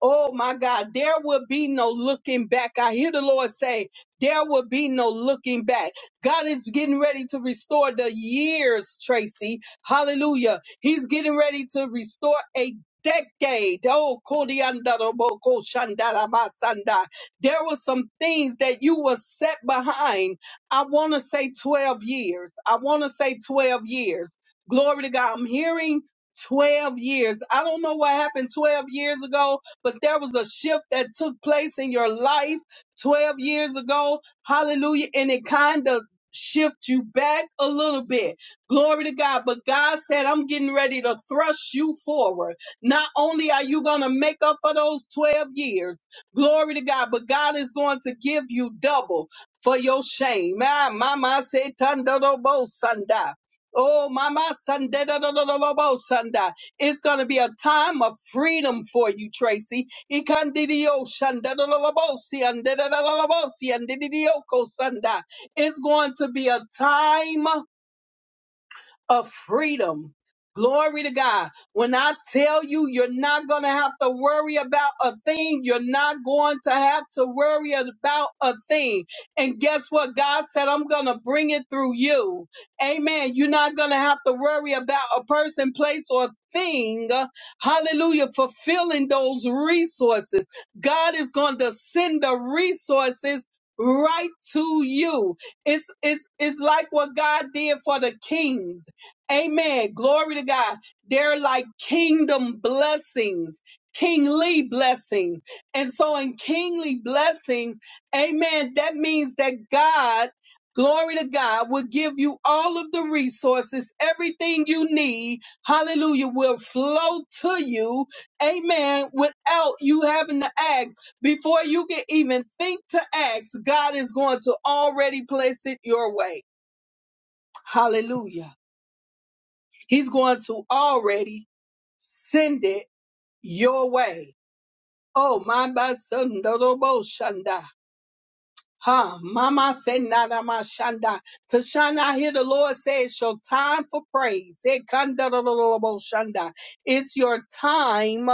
A: Oh my God, there will be no looking back. I hear the Lord say, there will be no looking back. God is getting ready to restore the years, Tracy. Hallelujah. He's getting ready to restore a decade. Oh, Kodiandaraboko Shandarabasanda. there were some things that you were set behind. I want to say 12 years. I want to say 12 years. Glory to God. I'm hearing 12 years. I don't know what happened 12 years ago, but there was a shift that took place in your life 12 years ago. Hallelujah. And it kind of shift you back a little bit. Glory to God. But God said, I'm getting ready to thrust you forward. Not only are you going to make up for those 12 years, glory to God, but God is going to give you double for your shame. Ah, Mama said, "Tando do bo sanda." Oh, mama, Sunday, it's going to be a time of freedom for you, Tracy. Ikandidio shandadalabosi, andadadalabosi, andididioco sanda. It's going to be a time of freedom. Glory to God. When I tell you, you're not going to have to worry about a thing. You're not going to have to worry about a thing. And guess what? God said, I'm going to bring it through you. Amen. You're not going to have to worry about a person, place, or thing. Hallelujah. Fulfilling those resources. God is going to send the resources right to you. It's, it's, it's like what God did for the kings. Amen. Glory to God. They're like kingdom blessings, kingly blessings. And so in kingly blessings, amen, that means that God, glory to God, will give you all of the resources, everything you need. Hallelujah will flow to you. Amen. Without you having to ask, before you can even think to ask, God is going to already place it your way. Hallelujah. He's going to already send it your way. Oh, my my son, Dodo Bo Shanda. Ha, mama said, nada mashanda. Tashana, I hear the Lord say, it's your time for praise. Eh, kanda da da da da bo shanda. It's your time,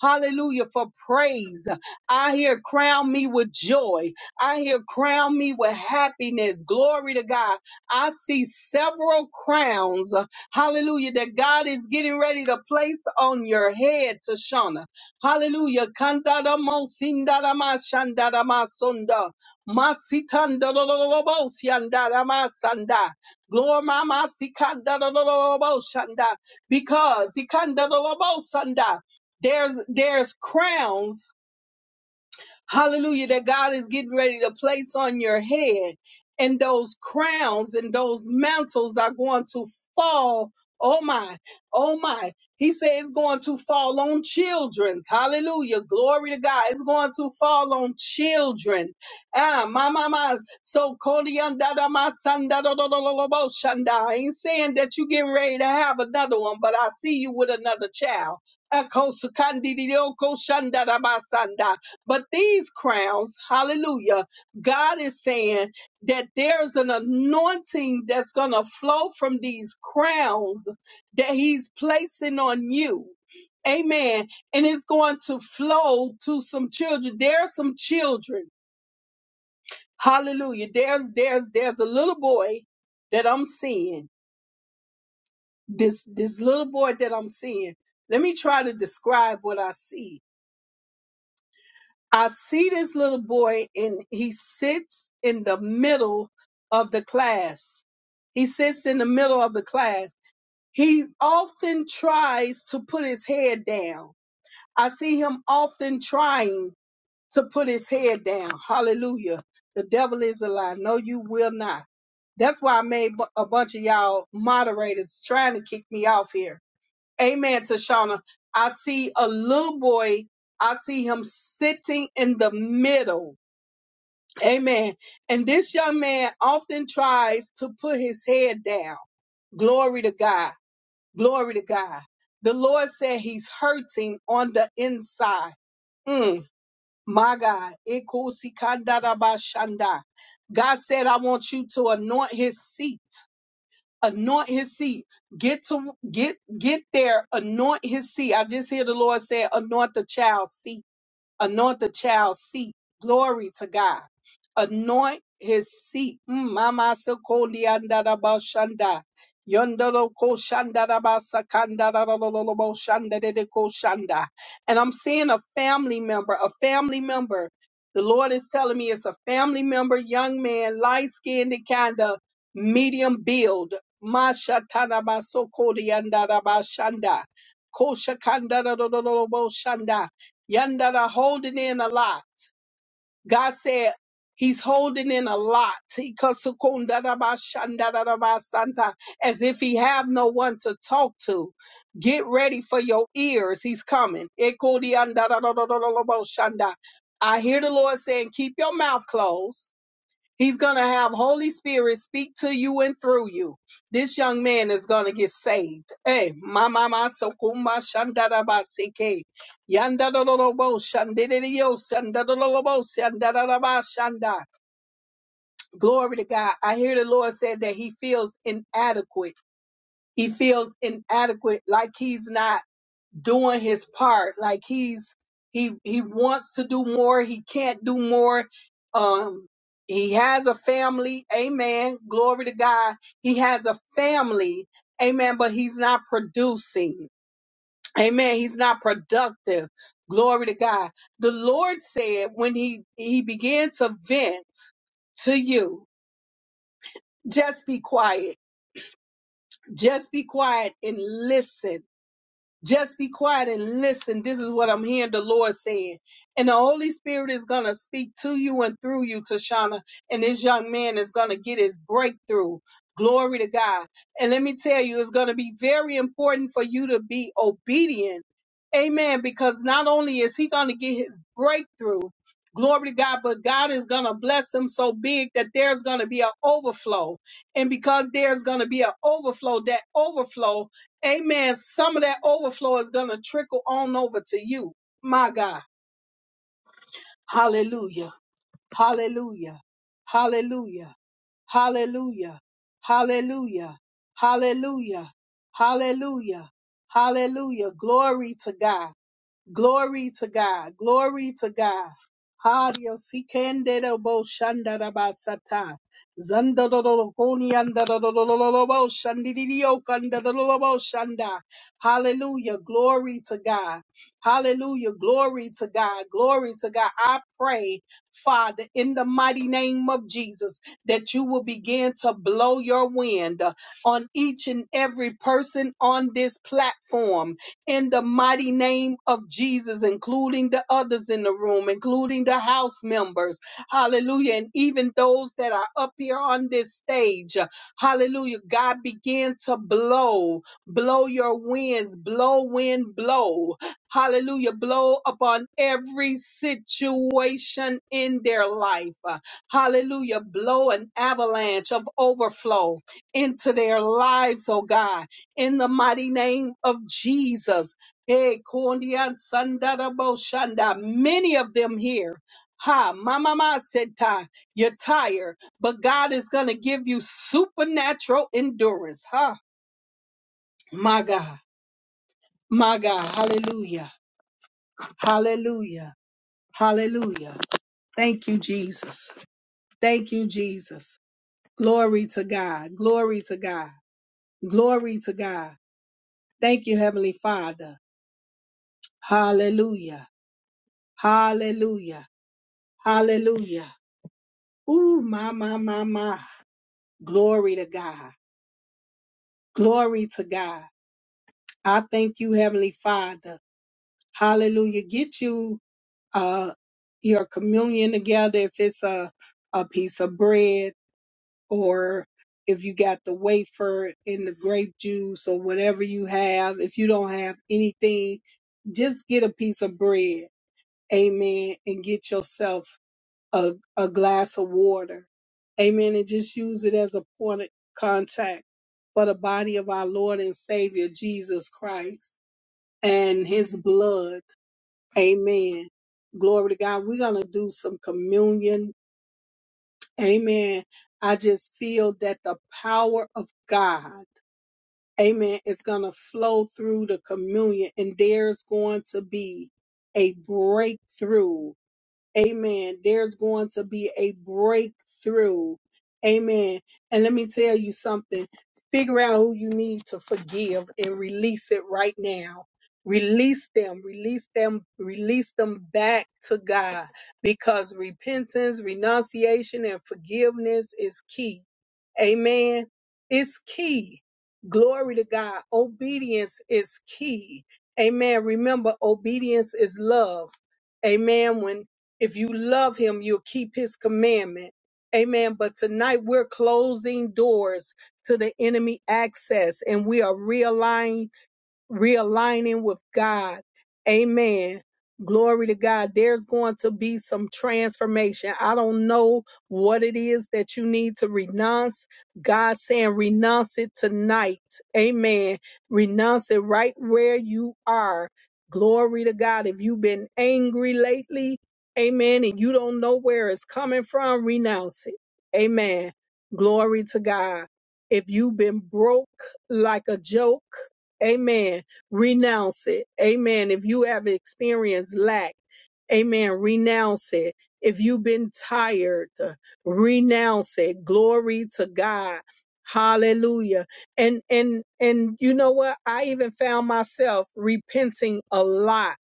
A: hallelujah, for praise. I hear, crown me with joy. I hear, crown me with happiness. Glory to God. I see several crowns, hallelujah, that God is getting ready to place on your head, Tashana. Hallelujah. Kanda da mo sinda sunda. Masitanda lololobosianda ramasanda. Glory mama sikanda lololobosanda. Because ikanda lolobosanda, there's there's crowns Hallelujah, that God is getting ready to place on your head. And those crowns and those mantles are going to fall. Oh my, oh my. He said it's going to fall on children's. Hallelujah. Glory to God. It's going to fall on children. Ah, my mama. So Kodiandada my son da da da da da da bo shanda. I ain't saying that you getting ready to have another one, but I see you with another child. Ako sukandi di di- oko shanda da ba sanda. But these crowns, hallelujah, God is saying that there's an anointing that's going to flow from these crowns that He's placing on you. Amen. And it's going to flow to some children. There's some children. Hallelujah. There's there's there's a little boy that I'm seeing. This this little boy that I'm seeing. Let me try to describe what I see I see this little boy and he sits in the middle of the class. He sits in the middle of the class. He often tries to put his head down. I see him often trying to put his head down. Hallelujah. The devil is a lie. No, you will not. That's why I made bu- a bunch of y'all moderators trying to kick me off here Amen, Tashana. I see a little boy. I see him sitting in the middle. Amen. And this young man often tries to put his head down. Glory to God. Glory to God. The Lord said he's hurting on the inside. Mm, my God. Ikusikandarabashanda. God said, I want you to anoint his seat anoint his seat get to get get there anoint his seat i just hear the lord say anoint the child's seat Anoint the child's seat. Glory to God. Anoint his seat. Mm, Mama Sokoli Andaraba Yondoro Ko Shanda Raba Sakanda Rarararabo Shanda Dede Ko Shanda. And I'm seeing a family member, a family member. The Lord is telling me it's a family member, young man, light skinned and kind of medium build. Masha Tanaba Sokoli Andaraba Shanda. Ko Shakanda Rarararabo Shanda. Yonder that are holding in a lot. God said he's holding in a lot. He kasukundadabashandadabasanta, As if he have no one to talk to. Get ready for your ears. He's coming. Ekudiandadadadadadaboshanda. I hear the Lord saying, keep your mouth closed He's going to have Holy Spirit speak to you and through you. This young man is going to get saved. Hey, mama masokuma shandarabaseke. Yandadolobo shandidio sandadolobo shandarabashanda. Glory to God. I hear the Lord said that he feels inadequate. He feels inadequate like he's not doing his part. Like he's he he wants to do more. He can't do more. Um, he has a family. Amen. Glory to God. He has a family. Amen. But he's not producing. Amen. He's not productive. Glory to God. The Lord said when he he began to vent to you, just be quiet. Just be quiet and listen Just be quiet and listen. This is what I'm hearing the Lord saying. And the Holy Spirit is going to speak to you and through you, Tashana. And this young man is going to get his breakthrough. Glory to God. And let me tell you, it's going to be very important for you to be obedient. Amen. Because not only is he going to get his breakthrough, glory to God, but God is going to bless him so big that there's going to be an overflow. And because there's going to be an overflow, that overflow Amen. Some of that overflow is going to trickle on over to you. My God. Hallelujah. Hallelujah. Hallelujah. Hallelujah. Hallelujah. Hallelujah. Hallelujah. Hallelujah. Glory to God. Glory to God. Glory to God. Hario sikendero bo shandara basata. Zandadoro koni andadadadadadadada bo shandididio kandadadadada bo shanda. Hallelujah. Glory to God. Hallelujah. Glory to God. Glory to God. I pray, Father, in the mighty name of Jesus, that you will begin to blow your wind on each and every person on this platform in the mighty name of Jesus, including the others in the room, including the house members. Hallelujah. And even those that are up here on this stage. Hallelujah. God began to blow, blow your winds, blow, wind, blow. Hallelujah. Blow upon every situation in their life. Hallelujah. Blow an avalanche of overflow into their lives, oh God in the mighty name of Jesus. Hey, Kondian Sandarabo Shanda, many of them here. Ha, Mama Ma said, "Ty, you're tired, but God is going to give you supernatural endurance. Ha, My God, my God, hallelujah, hallelujah, hallelujah. Thank you, Jesus. Thank you, Jesus. Glory to God, glory to God, glory to God. Thank you, Heavenly Father. Hallelujah. Hallelujah. Hallelujah. Ooh, my, my, my, my. Glory to God. Glory to God. I thank you, Heavenly Father. Hallelujah. Get you uh your communion together if it's a a piece of bread or if you got the wafer and the grape juice or whatever you have. If you don't have anything, just get a piece of bread. Amen. And get yourself a, a glass of water. Amen. And just use it as a point of contact for the body of our Lord and Savior Jesus Christ and his blood. Amen. Glory to God. We're going to do some communion. Amen. I just feel that the power of God, amen, is going to flow through the communion and there's going to be a breakthrough Amen. There's going to be a breakthrough. Amen. And let me tell you something. Figure out who you need to forgive and release it right now. Release them, release them, release them back to God because repentance, renunciation, and forgiveness is key. Amen. It's key. Glory to God. Obedience is key. Amen. Remember, obedience is love. Amen. When if you love him, you'll keep his commandment. Amen. But tonight we're closing doors to the enemy access and we are realigning realigning with God. Amen. Glory to God. There's going to be some transformation. I don't know what it is that you need to renounce. God saying renounce it tonight. Amen. Renounce it right where you are. Glory to God. If you've been angry lately, amen, and you don't know where it's coming from, renounce it. Amen. Glory to God. If you've been broke like a joke, Amen. Renounce it. Amen. If you have experienced lack, amen. Renounce it. If you've been tired, uh, renounce it. Glory to God. Hallelujah. And and and you know what? I even found myself repenting a lot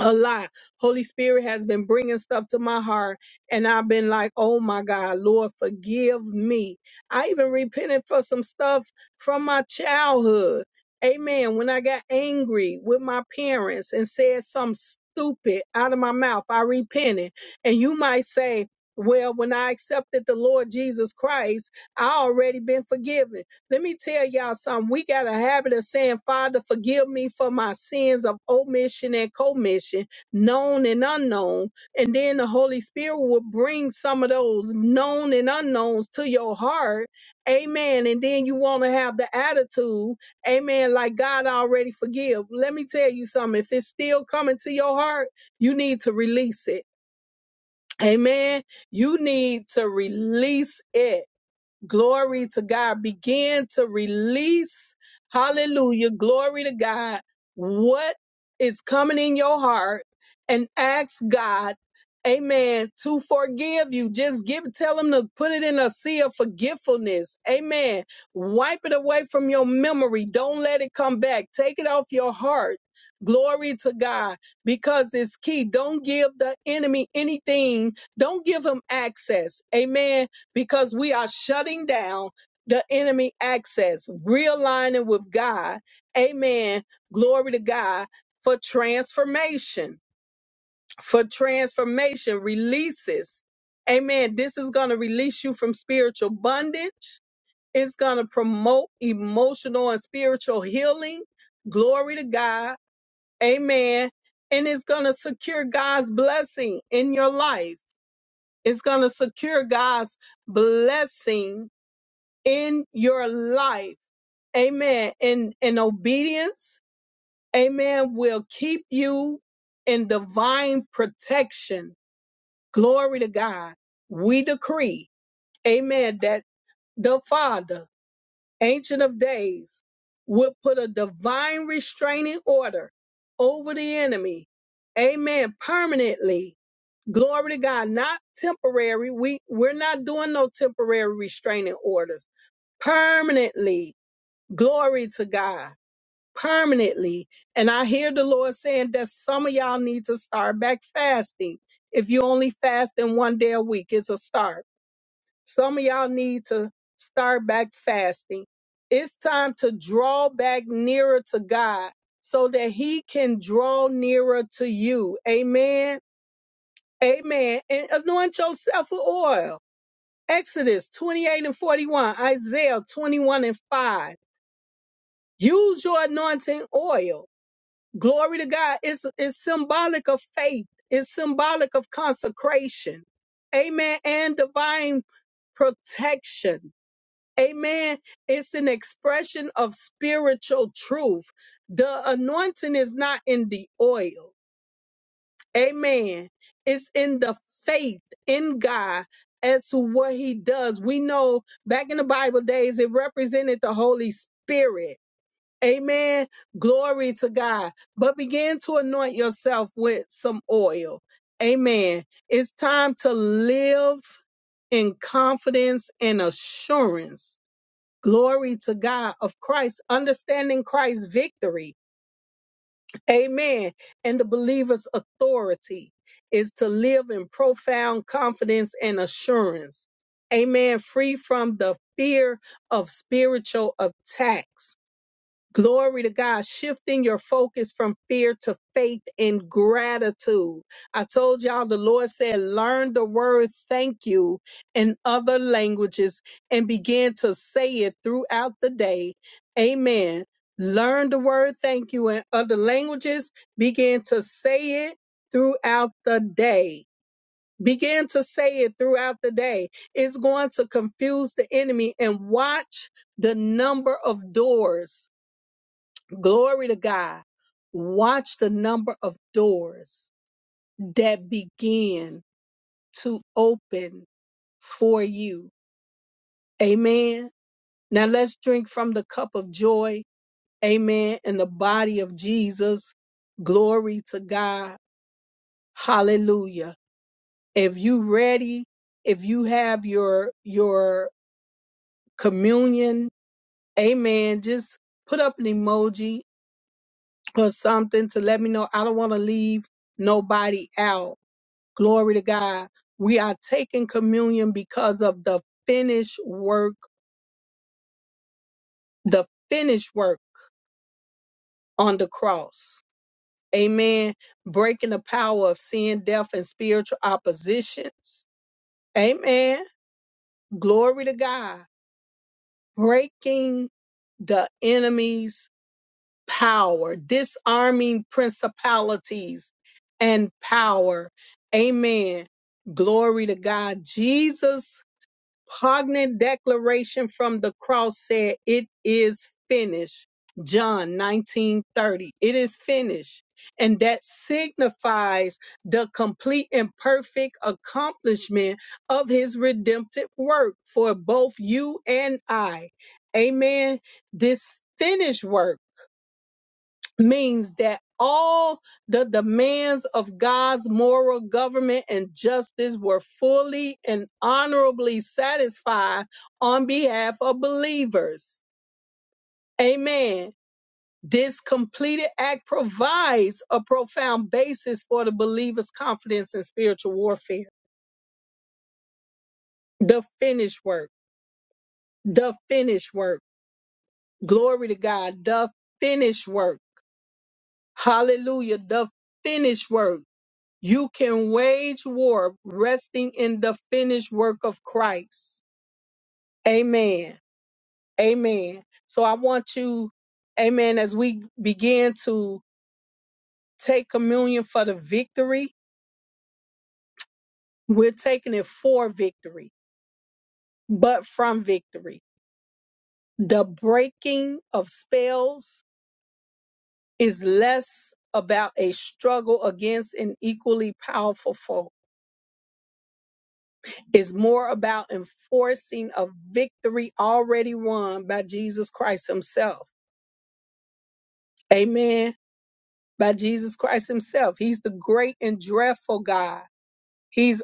A: a lot. Holy Spirit has been bringing stuff to my heart, and I've been like, "Oh my God, Lord, forgive me." I even repented for some stuff from my childhood. Amen. When I got angry with my parents and said something stupid out of my mouth, I repented. And you might say, well, when I accepted the Lord Jesus Christ, I already been forgiven. Let me tell y'all something. We got a habit of saying, Father, forgive me for my sins of omission and commission, known and unknown. And then the Holy Spirit will bring some of those known and unknowns to your heart. Amen. And then you want to have the attitude, amen, like God already forgive. Let me tell you something. If it's still coming to your heart, you need to release it. Amen. You need to release it. Glory to God. Begin to release. Hallelujah. Glory to God. What is coming in your heart and ask God, amen, to forgive you. Just give, tell him to put it in a sea of forgetfulness. Amen. Wipe it away from your memory. Don't let it come back. Take it off your heart. Glory to God because it's key. Don't give the enemy anything. Don't give him access. Amen because we are shutting down the enemy access, realigning with God. Amen. Glory to God for transformation, for transformation releases. Amen. This is going to release you from spiritual bondage. It's going to promote emotional and spiritual healing. Glory to God. Amen. And it's going to secure God's blessing in your life. It's going to secure God's blessing in your life. Amen. In in obedience, amen, will keep you in divine protection. Glory to God. We decree, amen, that the Father, Ancient of Days, will put a divine restraining order over the enemy. Amen. Permanently. Glory to God. Not temporary. We we're not doing no temporary restraining orders. Permanently Glory to God permanently. And I hear the Lord saying that some of y'all need to start back fasting. If you only fast in one day a week, it's a start. Some of y'all need to start back fasting. It's time to draw back nearer to God so that He can draw nearer to you. Amen. Amen. And anoint yourself with oil. Exodus 28 and 41, Isaiah 21 and 5. Use your anointing oil Glory to God. It's, it's symbolic of faith. It's symbolic of consecration. Amen. And divine protection. Amen. It's an expression of spiritual truth. The anointing is not in the oil. Amen. It's in the faith in God as to what he does. We know back in the Bible days, it represented the Holy Spirit. Amen. Glory to God. But begin to anoint yourself with some oil. Amen. It's time to live in confidence and assurance. Glory to God of Christ, understanding Christ's victory. Amen. And the believer's authority is to live in profound confidence and assurance. Amen. Free from the fear of spiritual attacks Glory to God, shifting your focus from fear to faith and gratitude. I told y'all the Lord said, learn the word thank you in other languages and begin to say it throughout the day. Amen. Learn the word thank you in other languages, begin to say it throughout the day. Begin to say it throughout the day. It's going to confuse the enemy and watch the number of doors Glory to God. Watch the number of doors that begin to open for you. Amen. Now let's drink from the cup of joy. Amen. In the body of Jesus. Glory to God. Hallelujah. If you ready, if you have your your communion, amen, just put up an emoji or something to let me know I don't want to leave nobody out Glory to God. We are taking communion because of the finished work, the finished work on the cross. Amen. Breaking the power of sin, death, and spiritual oppositions. Amen. Glory to God. Breaking the enemy's power, disarming principalities and power. Amen. Glory to God. Jesus poignant declaration from the cross said, It is finished. John 19:30. It is finished. And that signifies the complete and perfect accomplishment of his redemptive work for both you and I. Amen. This finished work means that all the demands of God's moral government and justice were fully and honorably satisfied on behalf of believers. Amen. This completed act provides a profound basis for the believer's confidence in spiritual warfare. The finished work. The finished work. Glory to God. The finished work. Hallelujah. The finished work You can wage war resting in the finished work of Christ. Amen. Amen. So I want you, amen, as we begin to take communion for the victory, we're taking it for victory, but from victory. The breaking of spells is less about a struggle against an equally powerful foe Is more about enforcing a victory already won by Jesus Christ Himself. Amen. By Jesus Christ Himself. He's the great and dreadful God. He's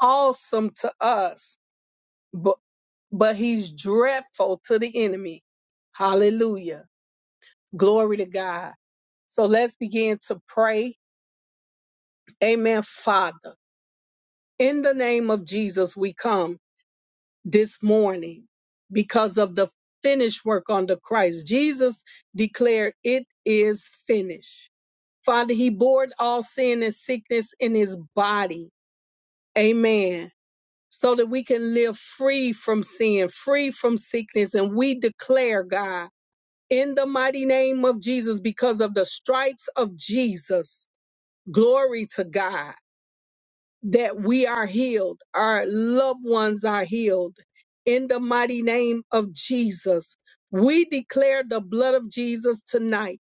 A: awesome to us, but, but He's dreadful to the enemy. Hallelujah. Glory to God. So let's begin to pray. Amen, Father. In the name of Jesus, we come. this morning because of the finished work on the Christ. Jesus declared, It is finished. Father, He bore all sin and sickness in His body. Amen. So that we can live free from sin, free from sickness. And we declare, God, in the mighty name of Jesus, because of the stripes of Jesus, glory to God that we are healed, our loved ones are healed. In the mighty name of Jesus, we declare the blood of Jesus tonight.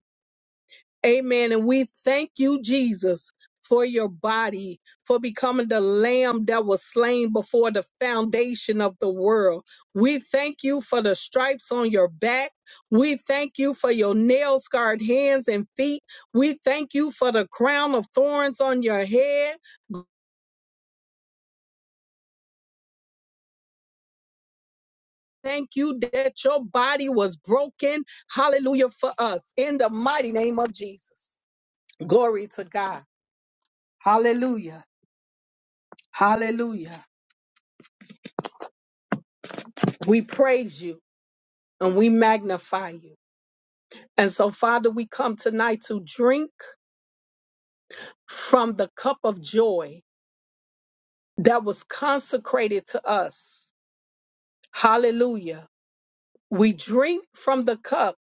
A: Amen. And we thank you, Jesus, for your body, for becoming the lamb that was slain before the foundation of the world. We thank you for the stripes on your back. We thank you for your nail scarred hands and feet. We thank you for the crown of thorns on your head. Thank you that your body was broken. Hallelujah for us in the mighty name of Jesus. Glory to God. Hallelujah. Hallelujah. We praise you and we magnify you. And so, Father, we come tonight to drink from the cup of joy that was consecrated to us. Hallelujah. We drink from the cup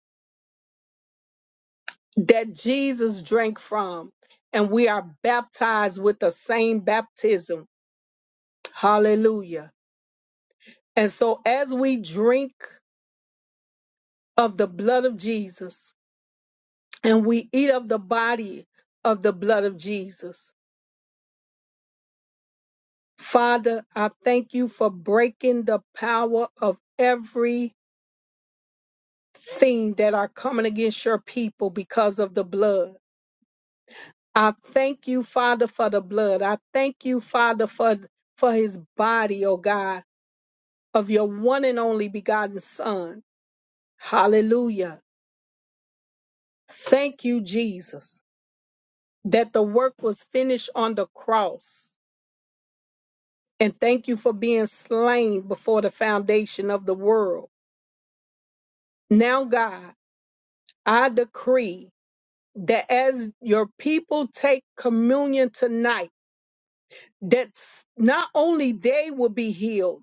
A: that Jesus drank from, and we are baptized with the same baptism Hallelujah. And so as we drink of the blood of Jesus and we eat of the body of the blood of Jesus, Father, I thank you for breaking the power of every thing that are coming against your people because of the blood. I thank you, Father, for the blood. I thank you, Father, for, for his body, oh God, of your one and only begotten Son. Hallelujah. Thank you, Jesus. that the work was finished on the cross. And thank you for being slain before the foundation of the world. Now, God, I decree that as your people take communion tonight, that s- not only they will be healed,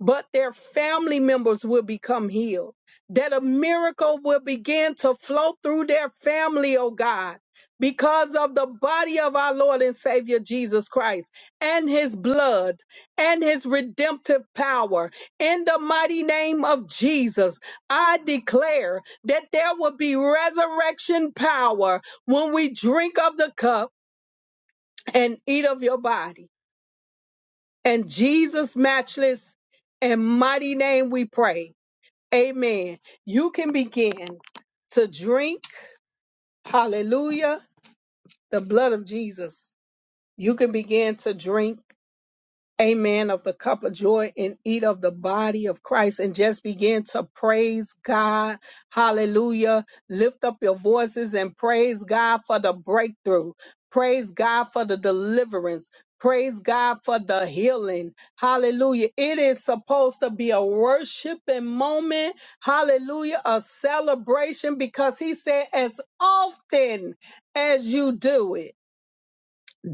A: but their family members will become healed. That a miracle will begin to flow through their family, oh God, because of the body of our Lord and Savior Jesus Christ and his blood and his redemptive power. In the mighty name of Jesus, I declare that there will be resurrection power when we drink of the cup and eat of your body. In Jesus' matchless and mighty name we pray. Amen. You can begin to drink, hallelujah, the blood of Jesus. You can begin to drink amen, of the cup of joy and eat of the body of Christ and just begin to praise God. Hallelujah. Lift up your voices and praise God for the breakthrough. Praise God for the deliverance. Praise God for the healing. Hallelujah. It is supposed to be a worshiping moment. Hallelujah. A celebration because he said, as often as you do it.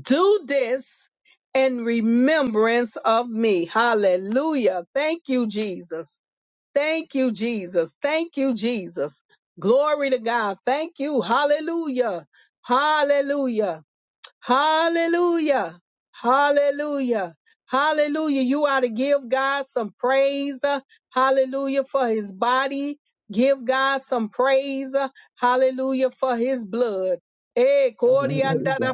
A: Do this in remembrance of me. Hallelujah. Thank you, Jesus. Thank you, Jesus. Thank you, Jesus. Glory to God. Thank you. Hallelujah. Hallelujah. Hallelujah. Hallelujah. Hallelujah. You ought to give God some praise. uh, Hallelujah for his body. Give God some praise. uh, Hallelujah for his blood. Eh, kori
E: Hallelujah.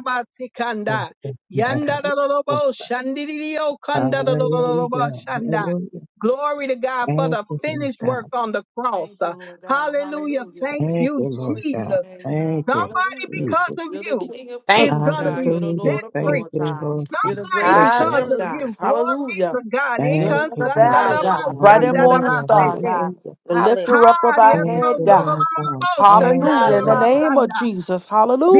E: Thank you, God.
A: Yandarorobo shandiriyo kandarororobo
E: Hallelujah.
A: shanda.
E: Hallelujah.
A: Glory to God for
E: Thank
A: the
E: you, Lord
A: finished work
E: God.
A: on the cross.
C: Thank you,
A: uh,
C: Lord God.
A: Hallelujah.
C: Hallelujah.
A: Thank
E: Thank you,
A: you,
E: Lord
C: Glory to
E: God.
C: your
A: Jesus.
C: name,
E: Thank
C: God.
E: you,
A: Somebody
C: Hallelujah.
A: because
E: Jesus.
A: of
C: You're the
A: you
C: King of
A: is
D: Thank
C: kings,
D: you.
A: going to
C: God.
A: be
C: You're the
A: set
E: Hallelujah.
C: Lord of
E: Thank
A: free.
C: lords,
E: you,
C: God.
E: Lord
C: You're
E: God.
C: the
A: Somebody
C: great I
E: Thank you,
A: because
C: am,
E: Lord.
A: of
C: God.
D: Hallelujah.
A: you. Glory be
C: Hallelujah.
A: to God.
E: Thank
C: Lily of the
E: you, Lord
C: valley,
E: God.
C: God. Bright
D: Hallelujah.
C: and morning
E: Hallelujah.
C: star,
A: Ikasandaramashandarabasete.
C: God.
E: Hallelujah.
C: The
D: Hallelujah.
C: lifter up
A: Ha,
C: of our
E: Thank
C: head,
E: you,
C: God.
E: Lord God. Thank
C: Hallelujah.
E: you,
C: In the
E: Lord
D: Hallelujah.
E: God.
C: name of
A: diazondorororoboshandarabasanda.
C: Jesus.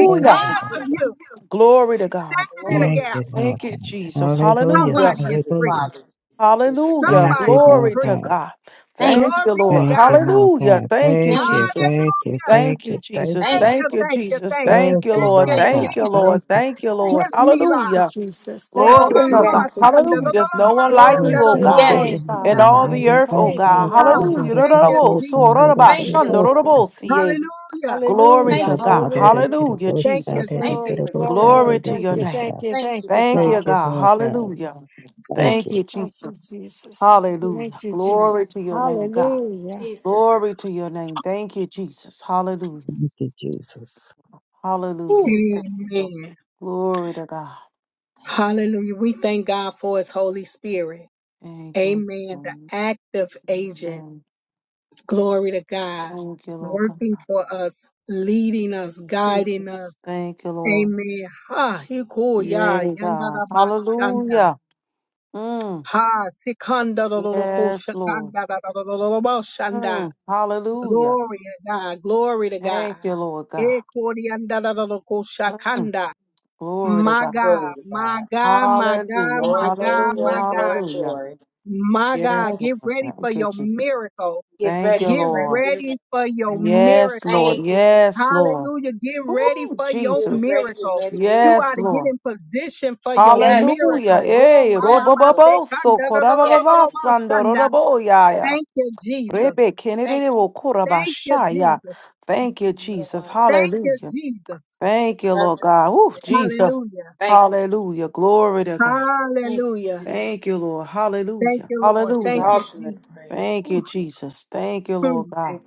E: Thank you,
D: Thank
E: Lord.
D: you,
A: of
D: Jesus.
A: you,
C: Glory to God.
A: standing in the
D: Glory
E: Thank
D: to
A: gap,
E: you,
D: you,
E: Lord
C: Thank
D: God.
C: you,
E: God.
C: Jesus.
E: Hallelujah.
C: Hallelujah.
D: Sweet
A: somebody is
D: Heavenly
A: free.
E: Hallelujah.
D: Father, Jesus. Sweet.
C: Hallelujah.
E: Thank
A: Somebody
E: you,
A: is
E: Lord
C: Glory
A: free.
C: to
E: God.
C: God.
D: Thank you.
C: Thank
A: Glory
C: you,
A: be to
C: Lord.
E: Thank
A: God.
E: you, Lord
C: Hallelujah.
E: God.
C: Thank you,
E: Thank
D: Thank
E: you,
D: you.
C: Jesus.
E: thank you,
A: Hallelujah.
E: thank
C: Thank you,
E: you, thank
C: Jesus.
D: Thank
A: Thank
E: you.
D: you,
A: you,
C: Thank
D: Lord.
C: you,
A: thank you,
C: Jesus.
A: thank you.
C: Thank
E: Thank
C: you,
E: you,
A: Thank
C: Lord.
A: you,
E: Lord
D: Thank you.
C: Thank
E: God.
C: you,
D: Thank
A: Jesus.
D: you.
C: Lord.
E: Thank
D: Thank
E: you.
C: Thank you,
D: you. Thank
C: Lord.
A: This
D: you, Lord.
A: me life.
C: Hallelujah.
B: Jesus.
A: Oh,
B: Thank you,
C: Glory
A: Mama,
E: Thank
C: to
E: you,
C: God.
A: Mama,
D: Yes.
A: see,
B: Jesus.
E: Lord
A: and the
C: Hallelujah.
E: God.
A: Lord,
C: There's no
A: Mama,
C: one like
A: and
B: Glory
A: the
C: you,
E: Mhm.
C: oh
B: to
A: Lord,
E: Thank
B: your
C: God.
E: you,
A: Mama,
B: name,
D: Yes.
E: Lord
A: and
C: In
B: Father
A: the-
E: God.
C: all
B: God.
C: the
B: We
E: Thank
C: earth, oh
E: you,
B: praise you,
C: God.
E: Lord
A: Ah,
B: Lord
D: Oh my
E: God.
D: God.
C: Hallelujah.
E: Thank
A: Thank
E: you,
B: Jesus.
A: you,
E: Lord
A: Jesus.
E: God. Thank
B: Thank you,
D: Thank
E: you,
D: you,
E: Lord
D: Lord. Heavenly
E: God.
B: Jesus.
D: Father.
A: Hallelujah.
C: Glory
E: We
B: Hallelujah.
C: to
E: do
D: Thank you.
E: bow
C: God.
E: down
B: Hallelujah.
E: and give you
C: Hallelujah,
E: both
A: Thank
E: bow
A: you,
C: Jesus.
E: down and
D: thank you
A: Jesus.
E: give
B: Glory,
D: for
E: you
D: your
E: both
B: glory,
D: grace.
E: down
C: Glory
B: glory.
E: and
C: to
E: give
B: Thank
C: your
B: you,
E: you
C: name.
B: thank
E: both.
B: you,
D: Thank
B: thank
D: you,
B: you,
C: Thank
D: Jesus.
E: Thank
C: you,
B: Father.
E: you,
C: God.
E: Lord God.
C: Hallelujah.
E: Thank
D: Thank
C: Thank you,
E: you.
B: Thank you,
C: Jesus.
B: Jesus.
D: you, Jesus.
B: Thank
C: Hallelujah.
B: you,
D: Thank
C: Glory to
B: Jesus.
C: your name, God.
D: you,
B: Hallelujah.
D: Jesus.
C: Glory to your name. Thank you, Jesus. Hallelujah.
E: Thank you, Jesus.
D: Ooh,
C: Hallelujah.
D: we thank you, Lord.
A: Amen.
C: Glory to God.
D: Thank you.
A: Hallelujah. We thank God for His Holy Spirit.
C: Thank you,
A: Amen. The
C: Lord.
A: active agent.
C: Amen.
A: Glory to God.
C: Thank you, Lord God.
A: Working for us, leading us, guiding us.
C: Jesus. Thank you, Lord.
A: Amen. Ha, he cool, ya,
C: Yay,
A: yanda
C: God.
A: da shanda.
C: Hallelujah. Mm.
A: Ha, sikanda da da da ko
C: Yes, Lord.
A: shakanda shanda.
C: Mm. Hallelujah.
A: Glory to God. Glory to God.
C: Thank you, Lord God.
A: Eh, kori and da, da, da, da, ko,
C: Mm.
A: shakanda.
C: Glory to
A: My
C: God.
A: God,
D: Glory to
A: my
D: God.
A: God, my God,
C: Hallelujah.
A: my
D: Glory, glory,
A: God,
C: Hallelujah.
A: my
D: glory,
A: God,
D: glory,
C: Hallelujah.
D: glory.
A: my God,
C: Yes,
D: Thank
C: Lord.
A: get ready for
C: Thank you,
A: your
C: Jesus.
A: miracle.
D: you. Get
C: Thank
D: ready,
C: you,
A: Get
D: get ready,
C: Lord.
D: get ready.
A: ready for your
C: Yes,
A: miracle.
C: Lord.
D: Thank you.
C: Yes, Lord.
A: Hallelujah. Get ready
C: Ooh,
A: for your
D: Get
C: Jesus.
D: ready, get
A: miracle.
D: ready, get
A: You
D: ready.
C: Yes,
A: ought to get
C: Lord.
A: in position for your
D: Yes, Lord.
C: Hallelujah.
A: miracle. Oh,
C: Hey,
A: my,
D: Yes,
A: my, my,
D: Lord.
A: say,
C: robobobo
A: God,
C: so
A: da, da, da, da, da,
D: Yes,
A: da,
C: korababa
A: da,
D: Lord.
C: sando
A: shanda.
C: robo
D: Yes.
C: yaya.
A: Thank you,
C: Rebe
A: Jesus.
D: Thank
C: kenere
D: you.
C: wo
A: Thank you,
C: korabashaya.
A: Jesus.
C: Thank you,
D: No
C: Jesus.
D: one like.
A: Thank you,
C: Hallelujah.
A: Jesus.
C: Thank you,
D: Nothing.
C: Lord God. Ooh, Jesus.
A: Hallelujah.
D: Thank you.
C: Hallelujah. Glory to God.
D: Thank you.
A: Hallelujah.
C: Thank you, Lord.
A: Thank
C: Hallelujah.
A: you,
D: You
A: Lord.
D: give the
A: Thank
C: Hallelujah.
A: you,
D: ultimate
A: Jesus.
D: praise.
C: Thank you,
A: Ooh,
C: Jesus. Thank you,
A: mm.
C: Lord God.
D: Thank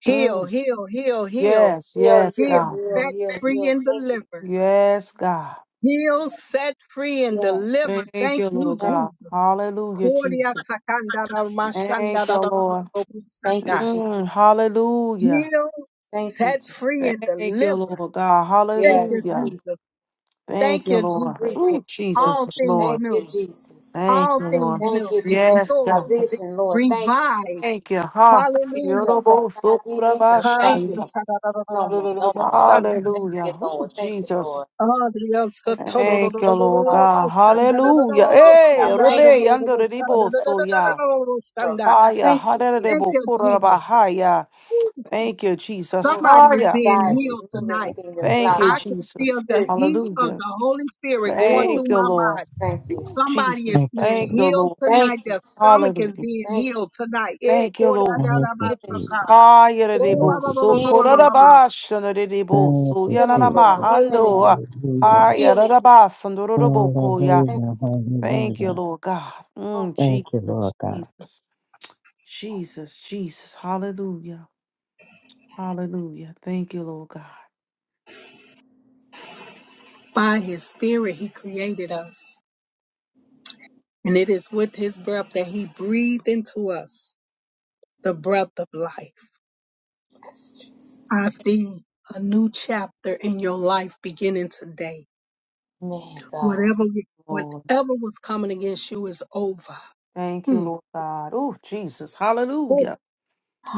A: Heal,
C: Mm.
A: heal, heal, heal.
C: Yes,
D: you. Heal,
C: yes,
A: Heal,
D: heal,
C: God.
D: heal,
A: set
D: heal,
A: free
D: heal.
A: and
D: Thank you.
A: deliver.
C: Yes, God.
A: Heal, set free and
D: Yes.
A: deliver.
C: Thank
A: Thank
C: you,
A: you,
C: Lord
D: yes.
C: God.
A: Jesus.
C: Hallelujah,
A: Cordia
C: Jesus.
A: sakanda da mashanda
C: Thank
A: da da
C: you,
A: da da
C: Lord.
A: da da
D: Thank you,
A: shanda.
D: Jesus.
C: Mm, hallelujah.
A: Heal,
D: Thank you,
A: set
D: Jesus.
A: free and
C: Thank you,
A: deliver.
C: Lord God.
A: Thank you,
D: Yes,
C: Hallelujah.
D: Jesus.
A: Jesus.
C: Thank
A: Thank
C: you,
A: you,
C: Lord.
D: Free
A: Jesus.
C: Ooh, Jesus,
D: patience.
A: All
C: is
A: things
D: Thank
C: Lord.
D: you,
A: new
D: Jesus.
C: Thank
A: all
C: you, Lord.
A: things
D: Thank
A: new,
D: you, Jesus.
C: Yes,
A: Restore.
D: My
C: God.
D: vision, Lord. Thank you.
A: revive.
C: Thank you. Ha.
A: Hallelujah.
D: My vision,
C: Yorobosukura
D: Lord.
A: Ha,
D: Thank you.
A: sa,
D: Jesus.
A: ta, da, da, da, da,
D: No
A: da, da,
D: more,
A: da, da,
D: no
A: bo,
D: more, no more.
A: shan.
D: Thank you,
C: Hallelujah. Oh,
D: Lord. Thank you, Lord.
C: Jesus.
A: Ah, di, el, sa,
D: Thank
A: to,
D: you,
A: do,
D: Lord.
A: do,
C: Thank
A: do,
C: you,
A: do, do, do,
C: Lord
A: do,
D: Lord,
A: do, bo,
C: God.
A: shan,
D: Now,
A: da, da, da, da, da,
C: Hallelujah. Hey,
D: now, Thank
C: Rebe,
D: you.
C: under
A: bo, shan, da, da, da, da, da,
C: the
A: da, bo, shan,
D: Lord.
A: da, da, da, da, da, da, da, da, da, shan, da.
C: Haya,
D: Thank you,
A: Thank
C: Haderebo
A: you,
D: Jesus.
A: Jesus.
C: Kurabahaya.
A: Ooh,
C: Thank you, Jesus.
D: Remove all
A: Somebody is
C: Haya.
A: being
E: Thank you,
D: anxieties.
A: healed
D: Remove
A: tonight.
E: Jesus.
D: everything that's
E: Thank
C: Thank
E: you.
D: not
C: you,
A: I
D: like
A: can feel
C: Jesus.
A: the
D: insecurities,
A: heat
D: Jesus.
A: of
C: Hallelujah.
A: the Holy Spirit going
D: Ooh,
C: Thank
A: through
C: you,
A: my
D: Jesus.
C: Lord.
A: body.
D: Thank you.
A: Somebody is
C: Jesus.
E: Thank you,
A: being
C: Thank
E: Jesus.
C: you,
A: healed
C: Lord.
D: Thank
A: tonight.
D: you.
A: Their
D: Jesus.
A: stomach is
C: Hallelujah.
A: being
D: Thank you.
A: healed tonight. Eh,
C: Thank you,
A: ko, da, da,
C: Lord.
E: Thank
A: da,
E: you,
A: ba,
D: Healing,
A: sa,
D: Jesus.
A: ka.
E: Jesus.
C: Haya
E: Thank
C: Derebo
E: you,
C: So
E: Jesus.
D: Healing,
A: Oh,
D: Jesus.
C: Kurabashan Derebo
E: Thank
C: So
E: you,
D: Healing,
C: Yanana
D: Lord.
E: Jesus.
D: Healing in your
C: Mahando.
E: Hallelujah.
C: Haya
D: healing.
C: Derebo Koya.
D: Thank you.
E: Hallelujah.
C: Thank you,
E: Hallelujah.
C: Lord God.
D: Oh,
C: Mm,
D: my
E: Thank
D: God.
E: you,
C: Jesus,
E: Lord God.
C: Jesus, Jesus, Jesus. Hallelujah. Hallelujah. Thank you, Lord God.
A: By his spirit, he created us. And it is with his breath that he breathed into us the breath of life.
D: Yes,
A: I
D: Jesus.
A: see a new chapter in your life beginning today.
D: Man, God.
A: Whatever,
C: Lord.
A: whatever was coming against you is over.
C: Thank you,
A: Hmm.
C: Lord God. Oh, Jesus.
A: Oh,
C: Hallelujah.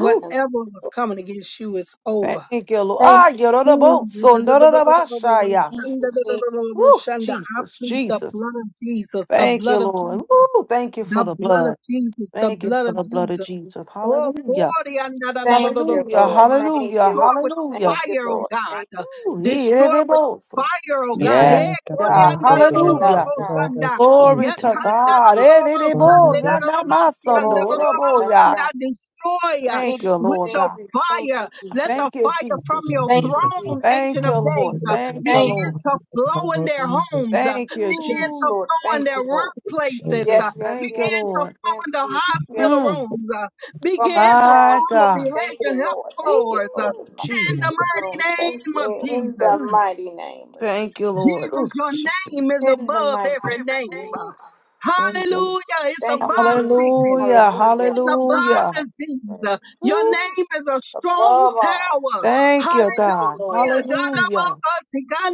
C: Ooh,
A: was coming against you is over. [LAUGHS]
C: thank you, Lord. Ah,
D: Thank you.
A: Hmm.
C: yororobotso, ndororobashaya.
D: Thank you, Jesus.
C: Ooh,
A: I
C: Jesus,
A: plead the
C: Jesus.
A: blood of Jesus, the
C: Thank you,
A: blood of
C: Lord. Ooh, thank you for
A: The
C: the
A: blood of
C: blood.
A: Jesus, the
C: Thank you
A: blood
C: for
A: of
C: the blood of
A: Jesus.
C: Jesus.
A: Oh,
C: Hallelujah.
A: glory, and da- da- da- da-
D: Thank
A: da- da- da-
D: you,
A: da-
C: Hallelujah.
A: da-
D: Lord.
A: da.
D: Thank
C: Hallelujah.
D: you,
A: destroy with
D: Lord. Thank
C: Hallelujah.
D: you,
A: fire, oh
D: Lord. Thank
A: God.
D: you,
C: Ooh,
D: Jesus.
A: Destroy with
C: yerorobotso.
A: fire, oh
E: The
A: God.
D: Thank
C: Yes,
A: Eh,
E: blood, the
D: you,
A: glory,
D: Jesus.
A: and
E: blood,
C: God.
A: da-
E: the
A: da-
D: Make
A: da-
D: it
A: da-
E: blood,
A: da-
D: enough,
E: the
C: Hallelujah.
A: da-
D: God.
E: blood of
A: shanda.
C: Glory
A: Yeah,
E: Jesus.
C: to
A: can-
D: Thank
A: da-
D: you,
A: da-
C: God.
D: Jesus.
A: da- da- da-
C: Ererebo,
A: shanda, da-
E: Hallelujah.
A: da- da- da- si, and
C: yanamasondo,
A: da-
D: Oh,
A: da-
D: make it
A: da- da-
D: enough,
C: oroboya.
A: shanda.
D: God.
A: Destroy uh,
D: Thank
C: Thank
D: you,
C: you,
A: with
C: Lord
D: Thank
A: your
C: God.
D: you, thank
A: fire.
D: you,
A: Let
D: Jesus.
A: the
C: Thank you,
A: fire from
C: Jesus.
A: your
D: Thank
E: Hallelujah.
D: you, Jesus.
A: throne, Ancient
C: Thank
A: of
C: you,
A: Days,
C: Lord.
A: uh,
C: Thank you,
D: Thank
A: begin
D: you.
C: Lord.
E: Hallelujah.
A: to flow in their homes, uh,
C: Thank you,
A: begin
D: Ooh,
A: to
C: Jesus.
D: Lord.
A: flow in
D: Thank
A: their
D: you, Lord.
A: workplaces. uh,
D: Yes,
C: Jesus,
D: yes,
C: thank you,
A: Begin
D: yes,
A: to
D: yes,
C: Lord.
A: flow in
D: yes,
A: the
D: Jesus.
A: hospital
D: Yes.
C: Mm,
A: rooms, uh,
D: For my
A: began to flow
C: my
D: child's
A: in the
D: room.
C: God.
D: Thank
A: behavioral
D: you,
A: health
D: Lord.
C: Woo,
D: Thank you,
A: floors. uh,
D: Lord. In my
A: in
C: Jesus.
A: the
E: Hallelujah.
D: sister's
A: mighty
D: rooms. Thank
A: name of
D: you. In the
A: Jesus.
C: Mm,
D: mighty name of Jesus.
C: thank you, Lord.
A: Jesus,
C: Ooh,
A: your
C: Jesus.
A: name is
D: In the
A: above
D: mighty
A: every name. Uh,
C: Thank you.
A: Hallelujah. It's
D: Thank you,
A: above
D: Jesus.
A: sickness. Uh,
C: Hallelujah.
D: Hallelujah.
A: It's
D: The
A: above
C: Hallelujah.
D: highest
A: disease. Uh,
D: praise.
A: Your
C: Woo,
A: name is a
D: Above
A: strong
D: all,
A: tower.
C: thank
A: Hallelujah.
C: you,
D: thank you,
C: God.
D: Lord.
C: Hallelujah.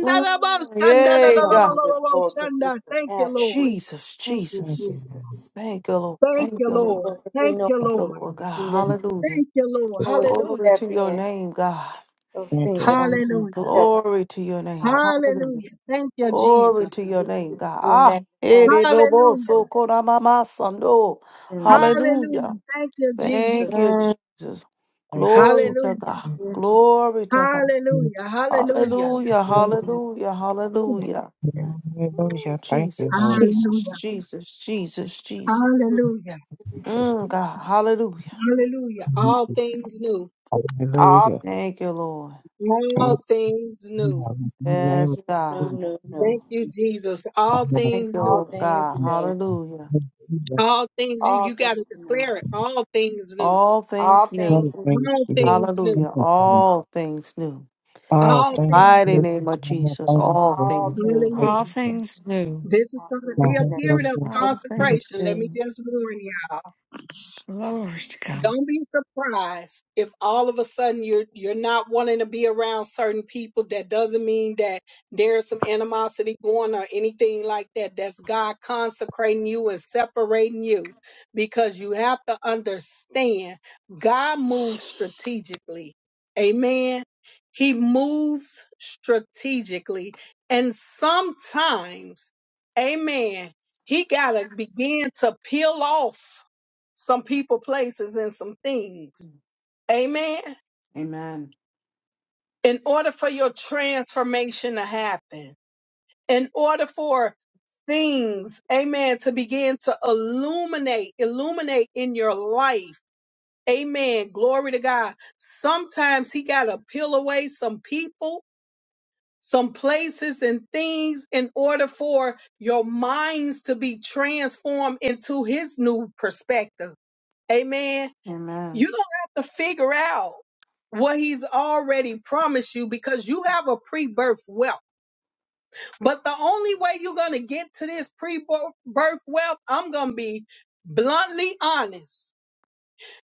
C: Mm,
D: We
C: yay,
D: don't
C: God.
D: do this, Lord, because this is
A: Thank you,
D: habit.
A: Lord.
C: Jesus,
D: Thank you,
C: Jesus.
E: Thank you.
D: Jesus.
C: Thank you, Lord.
A: Thank
C: Thank
A: you,
C: you,
D: Yes,
C: Lord.
A: Lord.
D: Lord, 'cause we
A: Thank
D: know
A: you,
C: Thank you,
A: Lord.
C: Lord
D: you
C: God.
D: listen,
C: Hallelujah.
A: Thank you, Lord.
D: know you
C: Glory
A: Hallelujah.
D: step
C: to your
D: in,
C: name, God.
D: those
E: Thank you. Thank
D: things
E: you.
D: that I'm going to
C: And
A: Hallelujah.
D: step out.
C: Glory to your name.
D: Father.
C: Hallelujah.
A: Hallelujah. Thank you,
C: Glory to
A: Jesus.
C: your
D: We
C: name,
D: just
C: God.
D: we
C: Ah,
D: magnify you.
C: ere bobo
A: Hallelujah.
C: so mama sando.
D: Mm.
C: Hallelujah.
A: Hallelujah. Thank you,
C: Thank
A: Jesus.
C: you,
D: Mm,
C: Jesus.
E: Thank you,
C: Glory
E: Jesus.
C: to
A: Hallelujah.
C: God.
D: mm,
C: Glory to God.
A: Hallelujah. Hallelujah.
C: Hallelujah.
D: mm.
C: Hallelujah.
D: Thank
C: Hallelujah. Ooh,
E: Hallelujah. Thank
C: Jesus,
E: you, Lord.
C: Jesus,
A: Hallelujah.
C: Jesus, Jesus, Jesus.
D: you.
A: Hallelujah.
D: Jesus.
C: Mm, God. Hallelujah.
A: Hallelujah. All things new.
D: All
E: Hallelujah.
D: things
C: Thank
D: is
C: you, Lord.
E: Hallelujah.
A: All things new.
E: In the
D: new,
E: name
C: Yes,
D: new,
C: God.
D: new, new.
A: Thank you, Jesus. All
E: of
C: Thank
A: things
C: you,
D: All
A: new.
C: Lord
D: things
C: God.
D: new.
C: Hallelujah.
E: Jesus.
A: All things you
D: All
A: you gotta
D: things
A: declare it.
D: new.
A: All things new.
C: All
D: All
C: things
E: Oh,
C: new.
D: things new.
E: thank
A: All
E: you.
A: things new.
E: Thank
C: Hallelujah.
E: you.
C: All
D: All,
C: things new.
D: thank you.
E: Oh,
A: All
E: thank
A: things
C: By the
E: you.
A: new.
C: name of Jesus, all
D: All
C: things new.
D: things.
A: Hallelujah.
B: All things new.
A: This is
D: All
A: going to
D: things
E: Oh,
A: be
D: are
A: a
E: thank
D: new.
A: period of
E: you.
D: Thank
B: All things
A: consecration. Let me
B: new.
A: just warn y'all.
B: Glory to God.
A: Don't be surprised if all of a sudden you're you're not wanting to be around certain people. That doesn't mean that there's some animosity going or anything like that. That's God consecrating you and separating you because you have to understand God moves strategically. Amen. He moves strategically. And sometimes, amen, he got to begin to peel off some people, places, and some things. Amen.
C: Amen.
A: In order for your transformation to happen, in order for things, amen, to begin to illuminate, illuminate in your life. Amen. Glory to God. Sometimes He got to peel away some people, some places, and things in order for your minds to be transformed into His new perspective. Amen You
C: Amen.
A: don't have to figure out what he's already promised you because you have a pre-birth wealth. But the only way you're going to get to this pre-birth wealth, I'm going to be bluntly honest.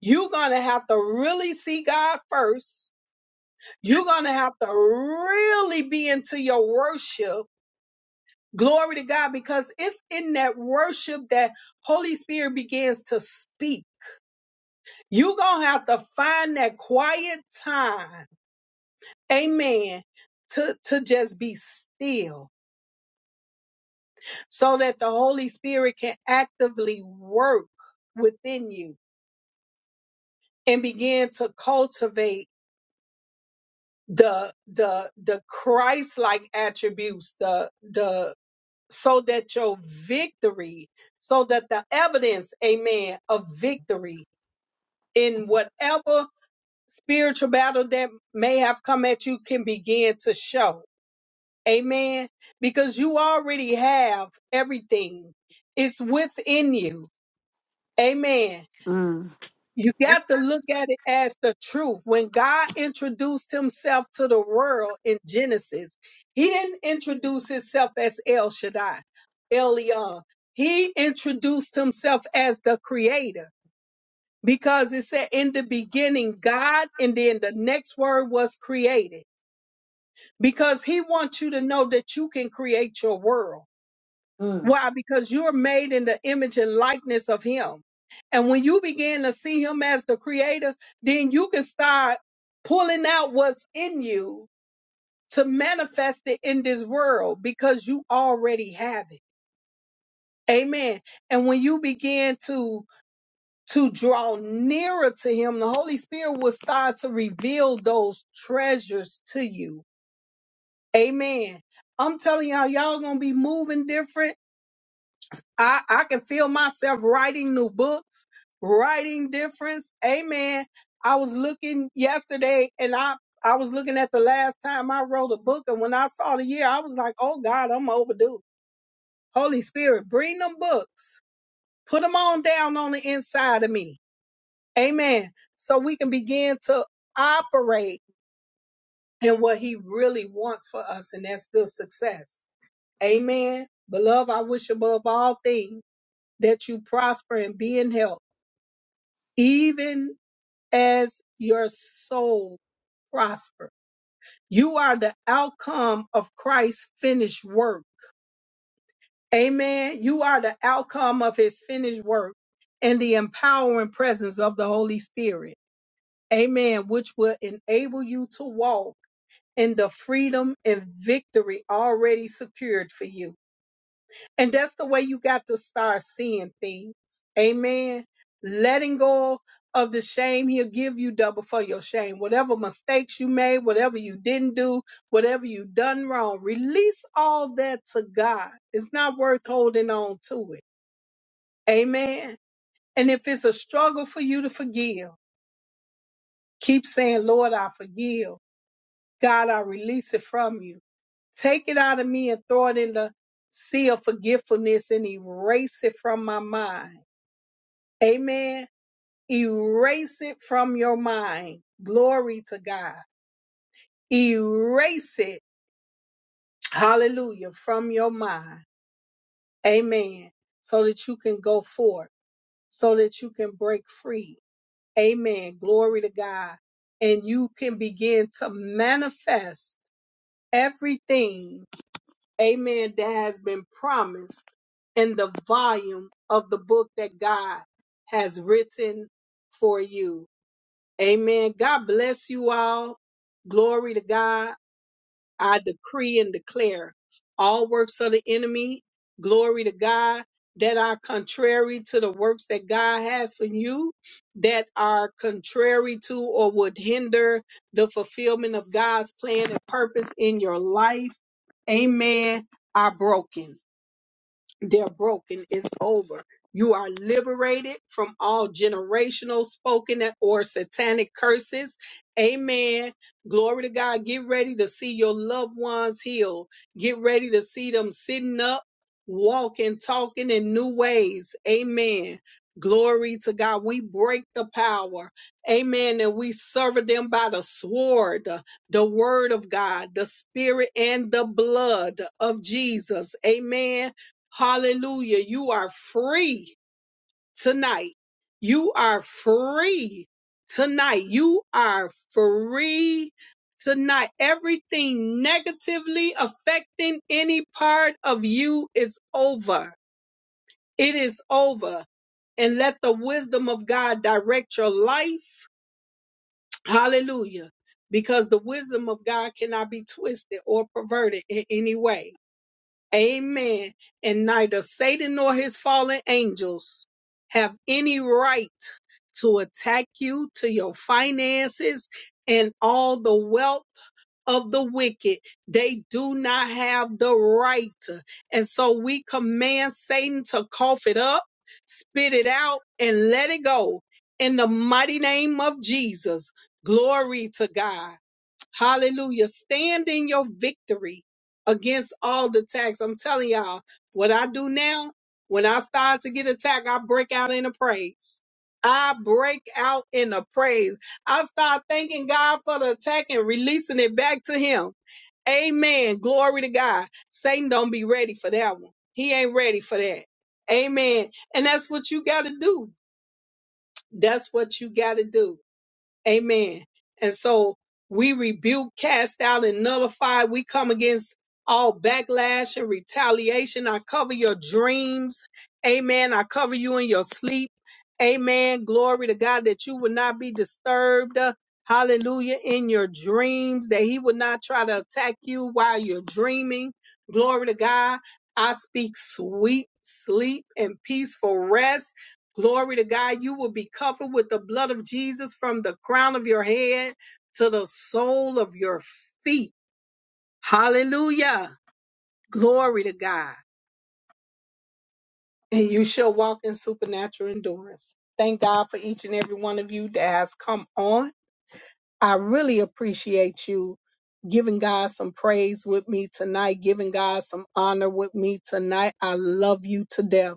A: You're going to have to really see God first. You're going to have to really be into your worship. Glory to God because it's in that worship that Holy Spirit begins to speak. You're going to have to find that quiet time amen to to just be still so that the holy spirit can actively work within you and begin to cultivate the the the christ-like attributes the the so that your victory so that the evidence amen of victory in whatever spiritual battle that may have come at you can begin to show Amen. Because you already have everything. It's within you. Amen.
C: Mm.
A: You got to look at it as the truth. When God introduced himself to the world in Genesis, he didn't introduce himself as El Shaddai, Elion. He introduced himself as the creator because it said in the beginning, God, and then the next word was created because he wants you to know that you can create your world.
C: Mm.
A: Why? Because you're made in the image and likeness of Him. And when you begin to see Him as the Creator, then you can start pulling out what's in you to manifest it in this world because you already have it. Amen. And when you begin to to draw nearer to him, the Holy Spirit will start to reveal those treasures to you. Amen. I'm telling y'all, y'all gonna be moving different I, I can feel myself writing new books, writing difference. Amen. I was looking yesterday and I, I was looking at the last time I wrote a book. And when I saw the year, I was like, oh God, I'm overdue. Holy Spirit, bring them books, put them on down on the inside of me. Amen. So we can begin to operate in what he really wants for us. And that's good success. Amen. Beloved, I wish above all things that you prosper and be in health even as your soul prosper. You are the outcome of Christ's finished work. Amen. You are the outcome of his finished work and the empowering presence of the Holy Spirit. Amen. Which will enable you to walk in the freedom and victory already secured for you. And that's the way you got to start seeing things. Amen. Letting go of the shame, he'll give you double for your shame. Whatever mistakes you made, whatever you didn't do, whatever you done wrong, release all that to God. It's not worth holding on to it. Amen. And if it's a struggle for you to forgive, keep saying, Lord, I forgive. God, I release it from you take it out of me and throw it in the sea of forgetfulness and erase it from my mind. Amen. Erase it from your mind. Glory to God. Erase it. Hallelujah. From your mind. Amen. So that you can go forth. So that you can break free. Amen. Glory to God. And you can begin to manifest everything. Amen. That has been promised in the volume of the book that God has written for you. Amen. God bless you all. Glory to God. I decree and declare all works of the enemy, glory to God, that are contrary to the works that God has for you, that are contrary to or would hinder the fulfillment of God's plan and purpose in your life. Amen. Are broken. They're broken. It's over. You are liberated from all generational spoken or satanic curses. Amen. Glory to God. Get ready to see your loved ones healed. Get ready to see them sitting up, walking, talking in new ways. Amen. Glory to God. We break the power. Amen. And we serve them by the sword, the word of God, the spirit, and the blood of Jesus. Amen Hallelujah. You are free tonight. You are free tonight. You are free tonight. Everything negatively affecting any part of you is over. It is over. And let the wisdom of God direct your life. Hallelujah. Because the wisdom of God cannot be twisted or perverted in any way. Amen. And neither Satan nor his fallen angels have any right to attack you, to your finances, and all the wealth of the wicked. They do not have the right. And so we command Satan to cough it up, spit it out, and let it go in the mighty name of Jesus. Glory to God. Hallelujah. Stand in your victory against all the attacks. I'm telling y'all, what I do now, when I start to get attacked, I break out in a praise. I break out in a praise. I start thanking God for the attack and releasing it back to Him. Amen. Glory to God. Satan don't be ready for that one. He ain't ready for that. Amen. And that's what you got to do. That's what you got to do. Amen. And so we rebuke, cast out, and nullify. We come against all backlash and retaliation. I cover your dreams. Amen. I cover you in your sleep. Amen. Glory to God that you will not be disturbed. Uh, Hallelujah. In your dreams, that he will not try to attack you while you're dreaming. Glory to God. I speak sweet sleep and peaceful rest Glory to God. You will be covered with the blood of Jesus from the crown of your head to the sole of your feet. Hallelujah. Glory to God. And you shall walk in supernatural endurance. Thank God for each and every one of you that has come on. I really appreciate you giving God some praise with me tonight, giving God some honor with me tonight. I love you to death.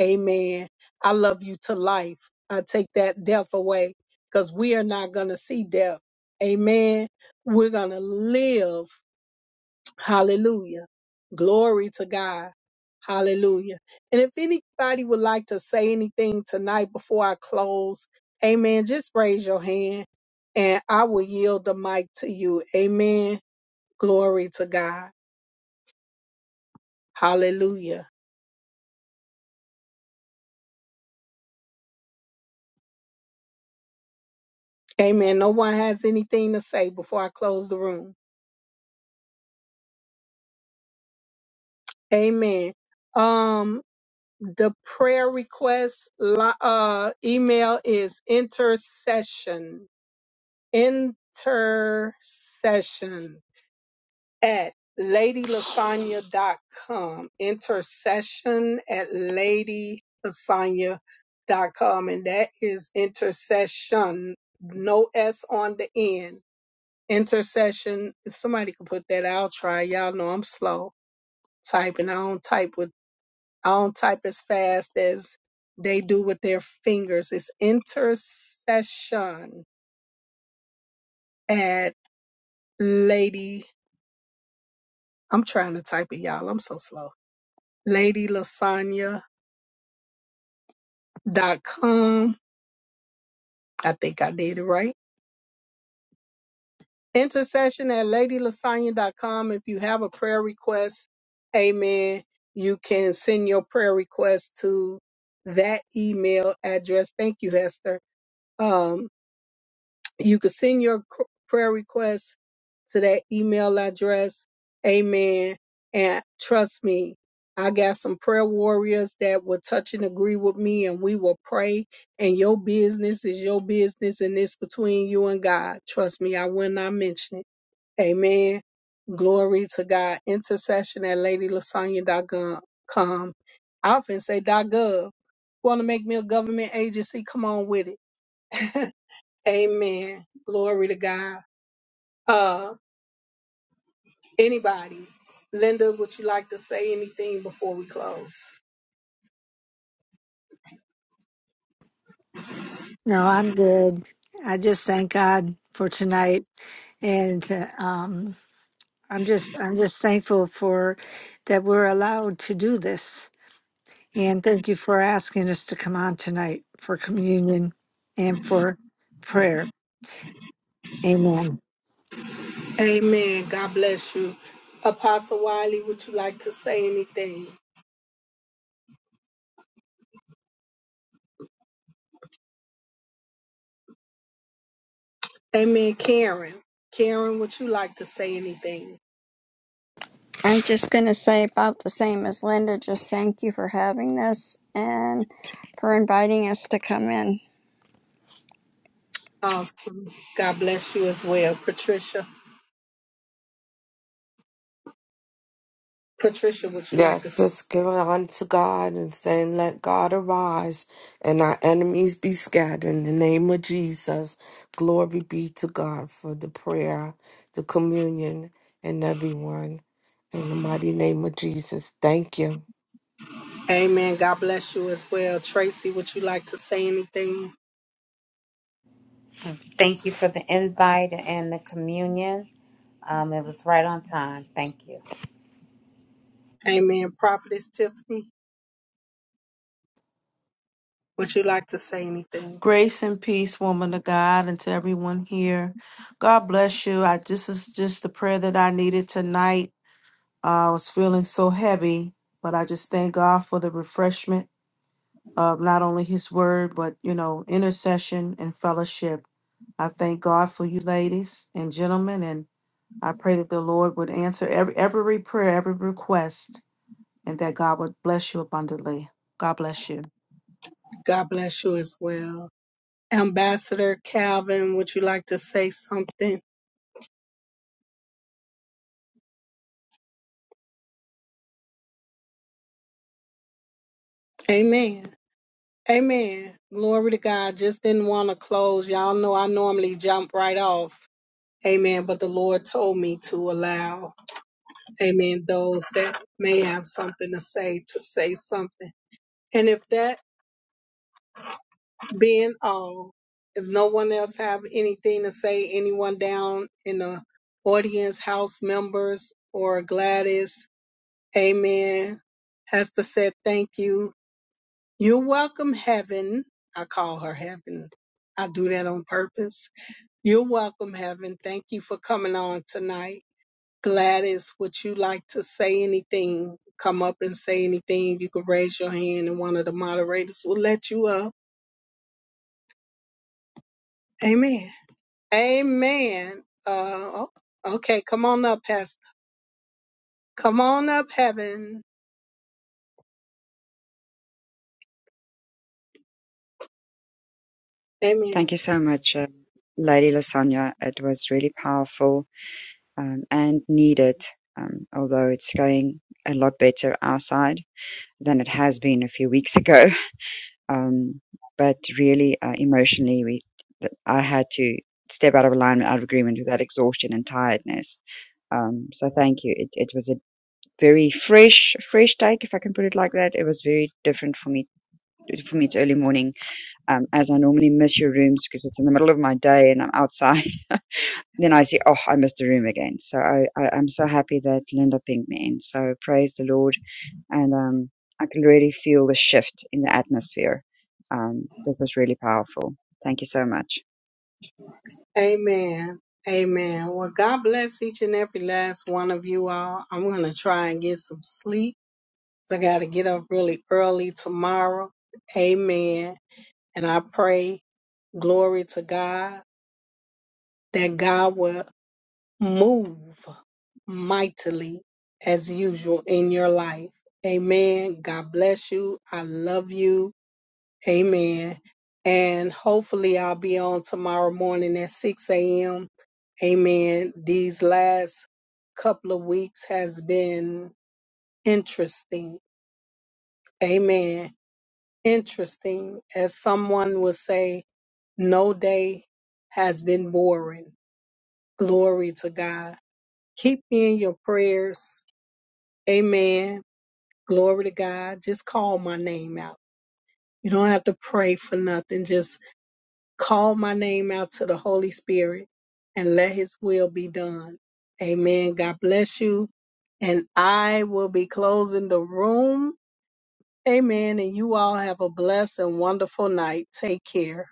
A: Amen. I love you to life. I take that death away because we are not going to see death. Amen. We're going to live. Hallelujah. Glory to God. Hallelujah. And if anybody would like to say anything tonight before I close, amen, just raise your hand and I will yield the mic to you. Amen. Glory to God. Hallelujah. Amen. No one has anything to say before I close the room. Amen. Um, the prayer request li- uh, email is intercession, intercession at lady lasagna dot com Intercession at lady lasagna dot com And that is intercession, no S on the end. Intercession. If somebody could put that, I'll try. Y'all know I'm slow typing. I don't type with I don't type as fast as they do with their fingers. It's intercession at Lady. I'm trying to type it, y'all. I'm so slow. LadyLasanya.com. I think I did it right. Intercession at LadyLasanya.com. If you have a prayer request, amen, you can send your prayer request to that email address. Thank you, Hester. Um, You can send your cr- prayer requests to that email address. Amen. And trust me, I got some prayer warriors that will touch and agree with me, and we will pray. And your business is your business, and it's between you and God. Trust me, I will not mention it. Amen. Glory to God. Intercession at ladylasanya.com. I often say dot .gov. Want to make me a government agency? Come on with it. [LAUGHS] Amen. Glory to God. Uh, anybody, Linda, would you like to say anything before we close?
B: No, I'm good. I just thank God for tonight and um, I'm just I'm just thankful for that we're allowed to do this. And thank you for asking us to come on tonight for communion and for prayer. Amen.
A: Amen. God bless you. Apostle Wiley, would you like to say anything? Amen. Karen, Karen, would you like to say anything?
F: I'm just going to say about the same as Linda. Just thank you for having this and for inviting us to come in.
A: Awesome. God bless you as well. Patricia, Patricia, would you like to?
G: Yes,
A: Say?
G: just giving on to God and saying, Let God arise and our enemies be scattered. In the name of Jesus, glory be to God for the prayer, the communion, and everyone. In the mighty name of Jesus, thank you.
A: Amen. God bless you as well. Tracy, would you like to say anything?
D: you. Thank you for the invite and the communion. Um, it was right on time. Thank you.
A: Amen. Prophetess Tiffany, would you like to say anything?
C: Grace and peace, woman of God, and to everyone here. God bless you. I this is just the prayer that I needed tonight. Uh, I was feeling so heavy, but I just thank God for the refreshment of not only His Word, but you know, intercession and fellowship. I thank God for you, ladies and gentlemen, and. I pray that the Lord would answer every, every prayer, every request, and that God would bless you abundantly. God bless you.
A: God bless you as well. Ambassador Calvin, would you like to say something? Amen. Amen. Glory to God. Just didn't want to close. Y'all know I normally jump right off. Amen. But the Lord told me to allow, amen, those that may have something to say to say something. And if that being all, if no one else have anything to say, anyone down in the audience, house members, or Gladys, Amen. Hester said, Thank you. You're welcome, heaven. I call her heaven. I do that on purpose. You're welcome, heaven. Thank you for coming on tonight. Gladys, would you like to say anything? Come up and say anything. You can raise your hand and one of the moderators will let you up. Amen. Amen. Uh, oh, okay, come on up, Pastor. Come on up, heaven. Amen.
H: Thank you so much, um, Lady Lasagna. It was really powerful um, and needed, um, although it's going a lot better our side than it has been a few weeks ago. [LAUGHS] Um, but really, uh, emotionally, we th- I had to step out of alignment, out of agreement with that exhaustion and tiredness. Um, so thank you. It, it was a very fresh, fresh take, if I can put it like that. It was very different for me. For me, it's early morning um, as I normally miss your rooms because it's in the middle of my day and I'm outside. [LAUGHS] then I see, oh, I missed a room again. So I, I, I'm so happy that Linda pinged me in. So praise the Lord. And um, I can really feel the shift in the atmosphere. Um, this was really powerful. Thank you so much.
A: Amen. Amen. Well, God bless each and every last one of you all. I'm going to try and get some sleep 'cause I got to get up really early tomorrow. Amen. And I pray, glory to God, that God will move mightily as usual in your life. Amen. God bless you. I love you. Amen. And hopefully I'll be on tomorrow morning at 6 a.m. Amen. These last couple of weeks has been interesting. Amen. Interesting. As someone would say, no day has been boring. Glory to God. Keep me in your prayers. Amen. Glory to God. Just call my name out. You don't have to pray for nothing. Just Call my name out to the Holy Spirit and let his will be done. Amen. God bless you. And I will be closing the room. Amen. And you all have a blessed and wonderful night. Take care.